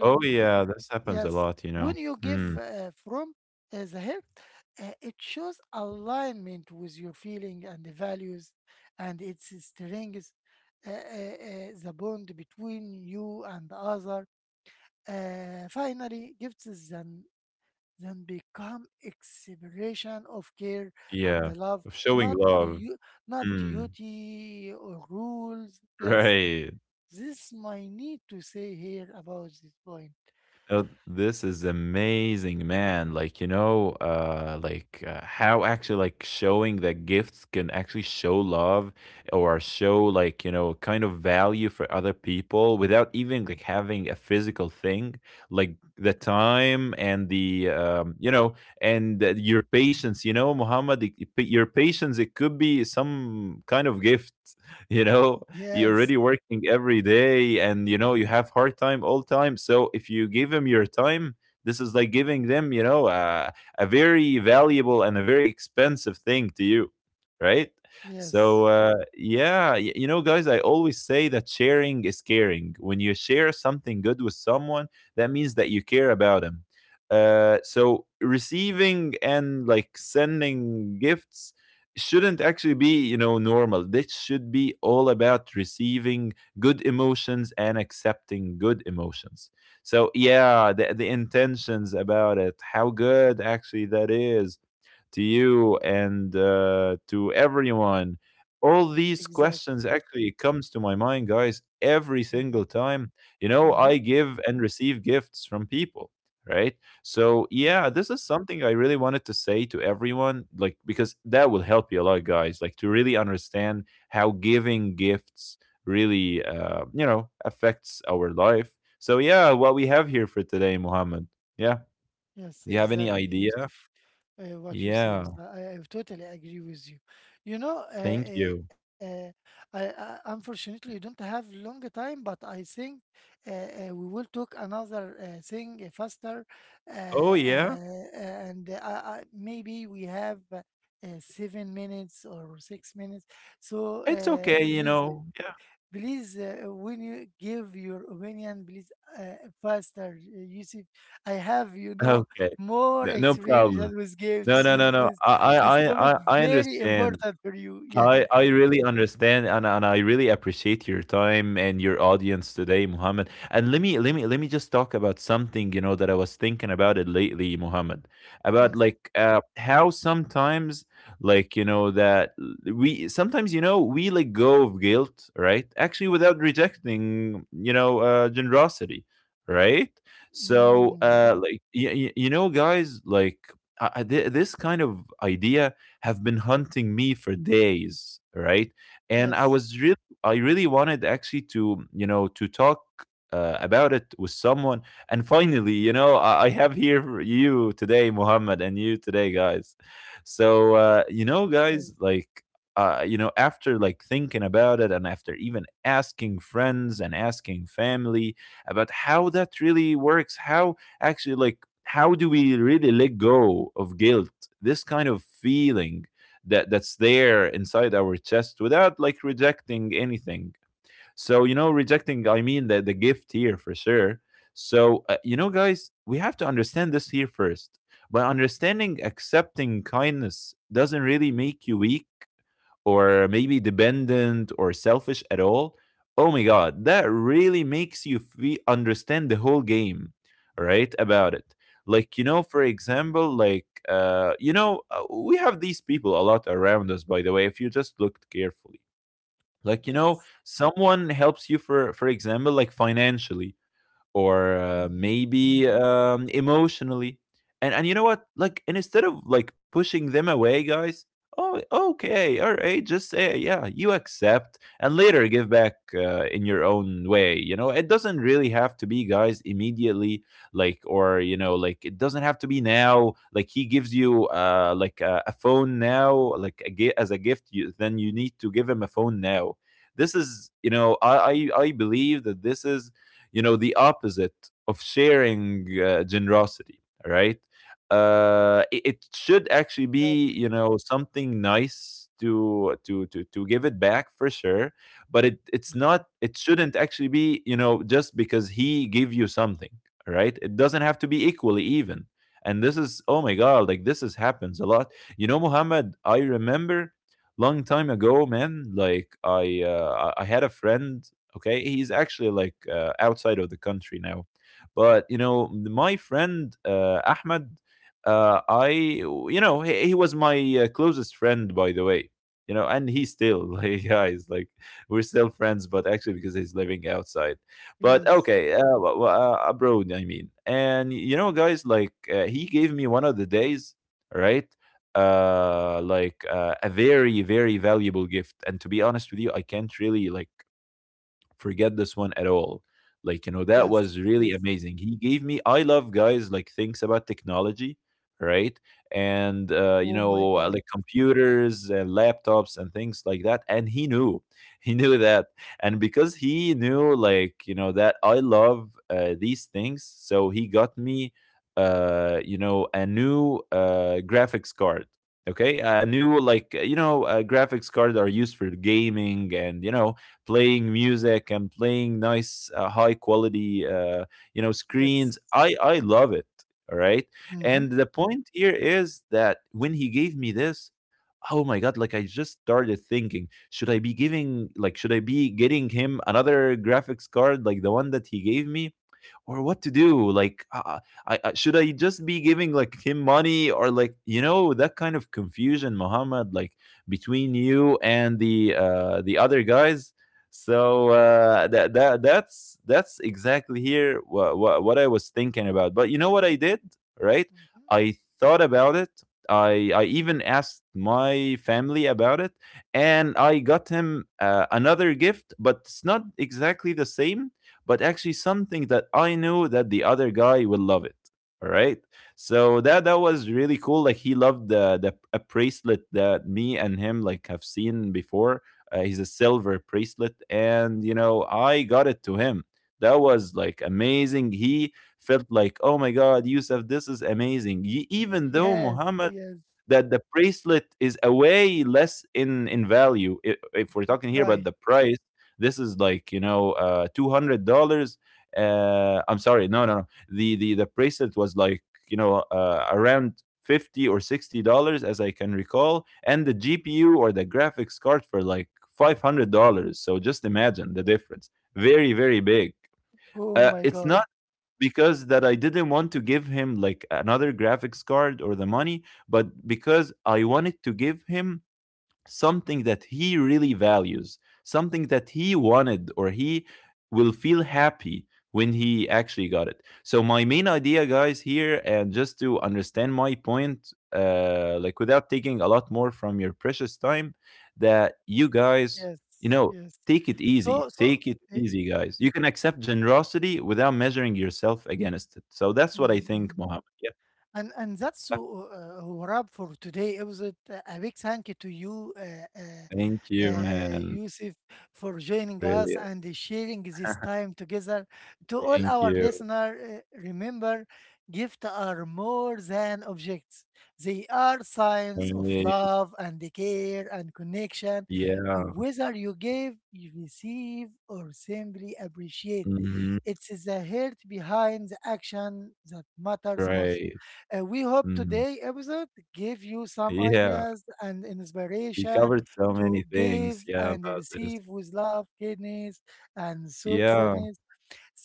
Speaker 2: Oh, yeah, this happens a
Speaker 1: Yes,
Speaker 2: lot, you know?
Speaker 1: when you give
Speaker 2: Hmm.
Speaker 1: uh, from uh, the heart, uh, it shows alignment with your feeling and the values, and it strengthens uh, uh, uh, the bond between you and the other. Uh, finally, gifts then then become expression of care and
Speaker 2: Yeah,
Speaker 1: the love,
Speaker 2: of showing
Speaker 1: not
Speaker 2: love.
Speaker 1: du- not
Speaker 2: Hmm.
Speaker 1: duty or rules. Yes,
Speaker 2: Right.
Speaker 1: this my need to say here about this point.
Speaker 2: Oh, this is amazing, man. Like, you know, uh, like uh, how actually like showing that gifts can actually show love or show like, you know, kind of value for other people without even like having a physical thing, like the time and the um, you know, and uh, your patience, you know, Muhammad, it- it- your patience, it could be some kind of gift, you know, you're
Speaker 1: Yes,
Speaker 2: already working every day, and you know you have hard time all time. So if you give them your time, this is like giving them, you know, uh, a very valuable and a very expensive thing to you, right? So
Speaker 1: yes,
Speaker 2: uh, yeah, y- you know, guys, I always say that sharing is caring. When you share something good with someone, that means that you care about them. Uh, so receiving and like sending gifts shouldn't actually be, you know, normal. This should be all about receiving good emotions and accepting good emotions. So yeah, the, the intentions about it, how good actually that is to you and uh, to everyone. All
Speaker 1: yes,
Speaker 2: these questions
Speaker 1: exactly.
Speaker 2: actually comes to my mind, guys, every
Speaker 1: Hmm.
Speaker 2: single time, you know, I
Speaker 1: Hmm.
Speaker 2: give and receive gifts from people, right? So yeah, this is something I really wanted to say to everyone, like, because that will help you a lot, guys, like, to really understand how giving gifts really, uh, you know, affects our life. So yeah, what we have here for today, Muhammad? Yeah,
Speaker 1: Yes,
Speaker 2: do you have any
Speaker 1: exactly,
Speaker 2: idea?
Speaker 1: Yusuf. Uh, what you say
Speaker 2: Yeah,
Speaker 1: is, I, I I totally agree with you. You know, uh,
Speaker 2: thank you.
Speaker 1: uh, uh, I, I, unfortunately, don't have long time, but I think uh, uh, we will talk another uh, thing uh, faster, uh,
Speaker 2: Oh, yeah?
Speaker 1: uh, and uh, I, I, maybe we have uh, uh, seven minutes or six minutes. So
Speaker 2: It's
Speaker 1: uh,
Speaker 2: okay, you
Speaker 1: please.
Speaker 2: know? Yeah.
Speaker 1: Please, uh, when you give your opinion, please uh, faster, uh, Yusuf. I have, you know,
Speaker 2: Okay.
Speaker 1: more
Speaker 2: No no
Speaker 1: experience
Speaker 2: problem.
Speaker 1: than with
Speaker 2: No,
Speaker 1: gifts.
Speaker 2: no,
Speaker 1: So
Speaker 2: no,
Speaker 1: it's
Speaker 2: no.
Speaker 1: this
Speaker 2: I
Speaker 1: this
Speaker 2: I
Speaker 1: topic
Speaker 2: I I I
Speaker 1: very
Speaker 2: understand.
Speaker 1: important for you. Yes,
Speaker 2: I, I really understand, and, and I really appreciate your time and your audience today, Muhammad. And let me let me let me just talk about something, you know, that I was thinking about it lately, Muhammad. About
Speaker 1: yes,
Speaker 2: like uh how sometimes like you know that we sometimes you know we let go of guilt, right? Actually without rejecting, you know, uh generosity, right? So
Speaker 1: mm,
Speaker 2: uh like y- y- you know, guys, like I, I- thi- this kind of idea have been hunting me for days, right? And I
Speaker 1: yes,
Speaker 2: was really, I really wanted actually to, you know, to talk uh, about it with someone. And finally, you know, I, I have here you today, Muhammad, and you today, guys. So, uh, you know,
Speaker 1: yes,
Speaker 2: guys, like, uh, you know, after like thinking about it and after even asking friends and asking family about how that really works, how actually like how do we really let go of guilt, this kind of feeling that that's there inside our chest without like rejecting anything. So you know rejecting I mean the, the gift here, for sure. So uh, you know, guys, we have to understand this here first. By understanding accepting kindness doesn't really make you weak or maybe dependent or selfish at all. Oh my god, that really makes you feel understand the whole game, right, about it. Like you know, for example, like uh you know uh, we have these people a lot around us, by the way, if you just looked carefully. Like you know
Speaker 1: yes.
Speaker 2: someone helps you for for example, like financially or uh,
Speaker 1: Hmm.
Speaker 2: maybe um, emotionally. And and you know what? Like, and instead of like pushing them away, guys. Oh, okay, all right. Just say, yeah, you accept, and later give back uh, in your own way. You know, it doesn't really have to be, guys, immediately. Like, or you know, like it doesn't have to be now. Like he gives you, uh, like a, a phone now, like a, gi- as a gift. You, then you need to give him a phone now. This is, you know, I I, I believe that this is, you know, the opposite of sharing uh, generosity, right? uh it, it should actually be,
Speaker 1: Exactly.
Speaker 2: you know, something nice to to to to give it back, for sure. But it it's
Speaker 1: Mhm.
Speaker 2: not, it shouldn't actually be, you know, just because he gave you something, right? It doesn't have to be equally even. And this is, oh my god, like this is happens a lot. You know, Muhammad, I remember long time ago, man, like i uh, i I had a friend. Okay, he's actually like uh, outside of the country now. But you know, my friend uh, Ahmed, uh, I you know, he, he was my uh, closest friend, by the way. You know, and he's still like, guys, like we're still friends. But actually because he's living outside, but
Speaker 1: Yes,
Speaker 2: okay, uh, w- w- uh, abroad, I mean. And you know, guys, like, uh, he gave me one of the days, right, uh like uh, a very very valuable gift. And to be honest with you, I can't really like forget this one at all. Like, you know, that
Speaker 1: yes,
Speaker 2: was really
Speaker 1: yes.
Speaker 2: amazing. He gave me, I love, guys, like things about technology, right? And, uh, you
Speaker 1: Oh my
Speaker 2: know, uh,
Speaker 1: God.
Speaker 2: like computers and laptops and things like that. And he knew, he knew that. And because he knew, like, you know, that I love uh, these things, so he got me, uh, you know, a new uh, graphics card. Okay, a new, like, you know, uh, graphics cards are used for gaming and you know playing music and playing nice uh, high quality uh, you know
Speaker 1: Yes.
Speaker 2: screens, i i love it, all right?
Speaker 1: Mm-hmm.
Speaker 2: And the point here is that when he gave me this, oh my god, like I just started thinking, should I be giving, like should I be getting him another graphics card like the one that he gave me, or what to do, like uh, I, I should I just be giving like him money, or like you know, that kind of confusion, Muhammad, like between you and the uh the other guys. So uh that, that that's that's exactly here what, what what I was thinking about. But you know what I did, right?
Speaker 1: Mm-hmm.
Speaker 2: I thought about it, I I even asked my family about it, and I got him uh, another gift, but it's not exactly the same, but actually something that I knew that the other guy will love it. All right. So that that was really cool. Like he loved the the a bracelet that me and him like have seen before. Uh, he's a silver bracelet, and you know, I got it to him. That was like amazing. He felt like, oh my god, Yusuf, this is amazing. Ye- even though
Speaker 1: Yes,
Speaker 2: Muhammad,
Speaker 1: yes.
Speaker 2: that the bracelet is a way less in in value, i- if we're talking here
Speaker 1: Right.
Speaker 2: about the price, this is like, you know, uh, two hundred dollars. Uh, I'm sorry, no, no, no. The the the bracelet was like, you know, uh, around fifty or sixty dollars, as I can recall, and the G P U, or the graphics card, for like five hundred dollars. So just imagine the difference, very very big.
Speaker 1: Oh
Speaker 2: uh,
Speaker 1: my
Speaker 2: it's
Speaker 1: God.
Speaker 2: not because that I didn't want to give him like another graphics card or the money, but because I wanted to give him something that he really values, something that he wanted, or he will feel happy when he actually got it. So my main idea, guys, here, and just to understand my point, uh like without taking a lot more from your precious time that you guys,
Speaker 1: Yes,
Speaker 2: you know,
Speaker 1: yes.
Speaker 2: take it
Speaker 1: So
Speaker 2: easy,
Speaker 1: so,
Speaker 2: take it
Speaker 1: eh, eh,
Speaker 2: easy, guys. You can accept generosity without measuring yourself against it. So that's what I
Speaker 1: mm, mm.
Speaker 2: think, Mohammed. Yeah,
Speaker 1: And and that's so uh, a wrap for today episode. A a big thank you to you, uh, uh,
Speaker 2: thank you,
Speaker 1: uh, uh,
Speaker 2: man.
Speaker 1: Yusuf, for joining us
Speaker 2: Really.
Speaker 1: and sharing this time together. To all
Speaker 2: Thank
Speaker 1: our
Speaker 2: you.
Speaker 1: listeners, uh, remember, gifts are more than objects. They are signs of
Speaker 2: Really.
Speaker 1: love and care and connection.
Speaker 2: Yeah.
Speaker 1: Whether you give, you receive, or simply appreciate,
Speaker 2: Mhm.
Speaker 1: it's the heart behind the action that matters most.
Speaker 2: Right.
Speaker 1: Uh, we hope
Speaker 2: Mhm.
Speaker 1: today episode give you some
Speaker 2: Yeah.
Speaker 1: ideas and
Speaker 2: We
Speaker 1: inspiration
Speaker 2: covered so many
Speaker 1: to give
Speaker 2: things, yeah,
Speaker 1: and
Speaker 2: about this.
Speaker 1: receive with love, kindness, and
Speaker 2: Yeah.
Speaker 1: thoughtfulness.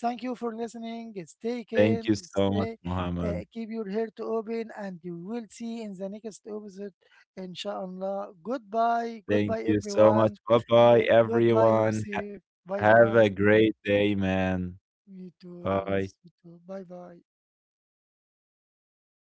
Speaker 1: Thank you for listening. Stay
Speaker 2: Thank you
Speaker 1: kind,
Speaker 2: so much,
Speaker 1: stay,
Speaker 2: Mohammed.
Speaker 1: uh, keep your heart open, and you will see in the next episode, inshallah. Goodbye,
Speaker 2: Thank
Speaker 1: goodbye,
Speaker 2: you so much.
Speaker 1: everyone.
Speaker 2: Bye-bye,
Speaker 1: Uh, goodbye,
Speaker 2: everyone. Ha
Speaker 1: Yusuf. Bye
Speaker 2: have
Speaker 1: bye.
Speaker 2: a great day, man.
Speaker 1: Me too. Yes,
Speaker 2: Bye.
Speaker 1: me too. Bye bye.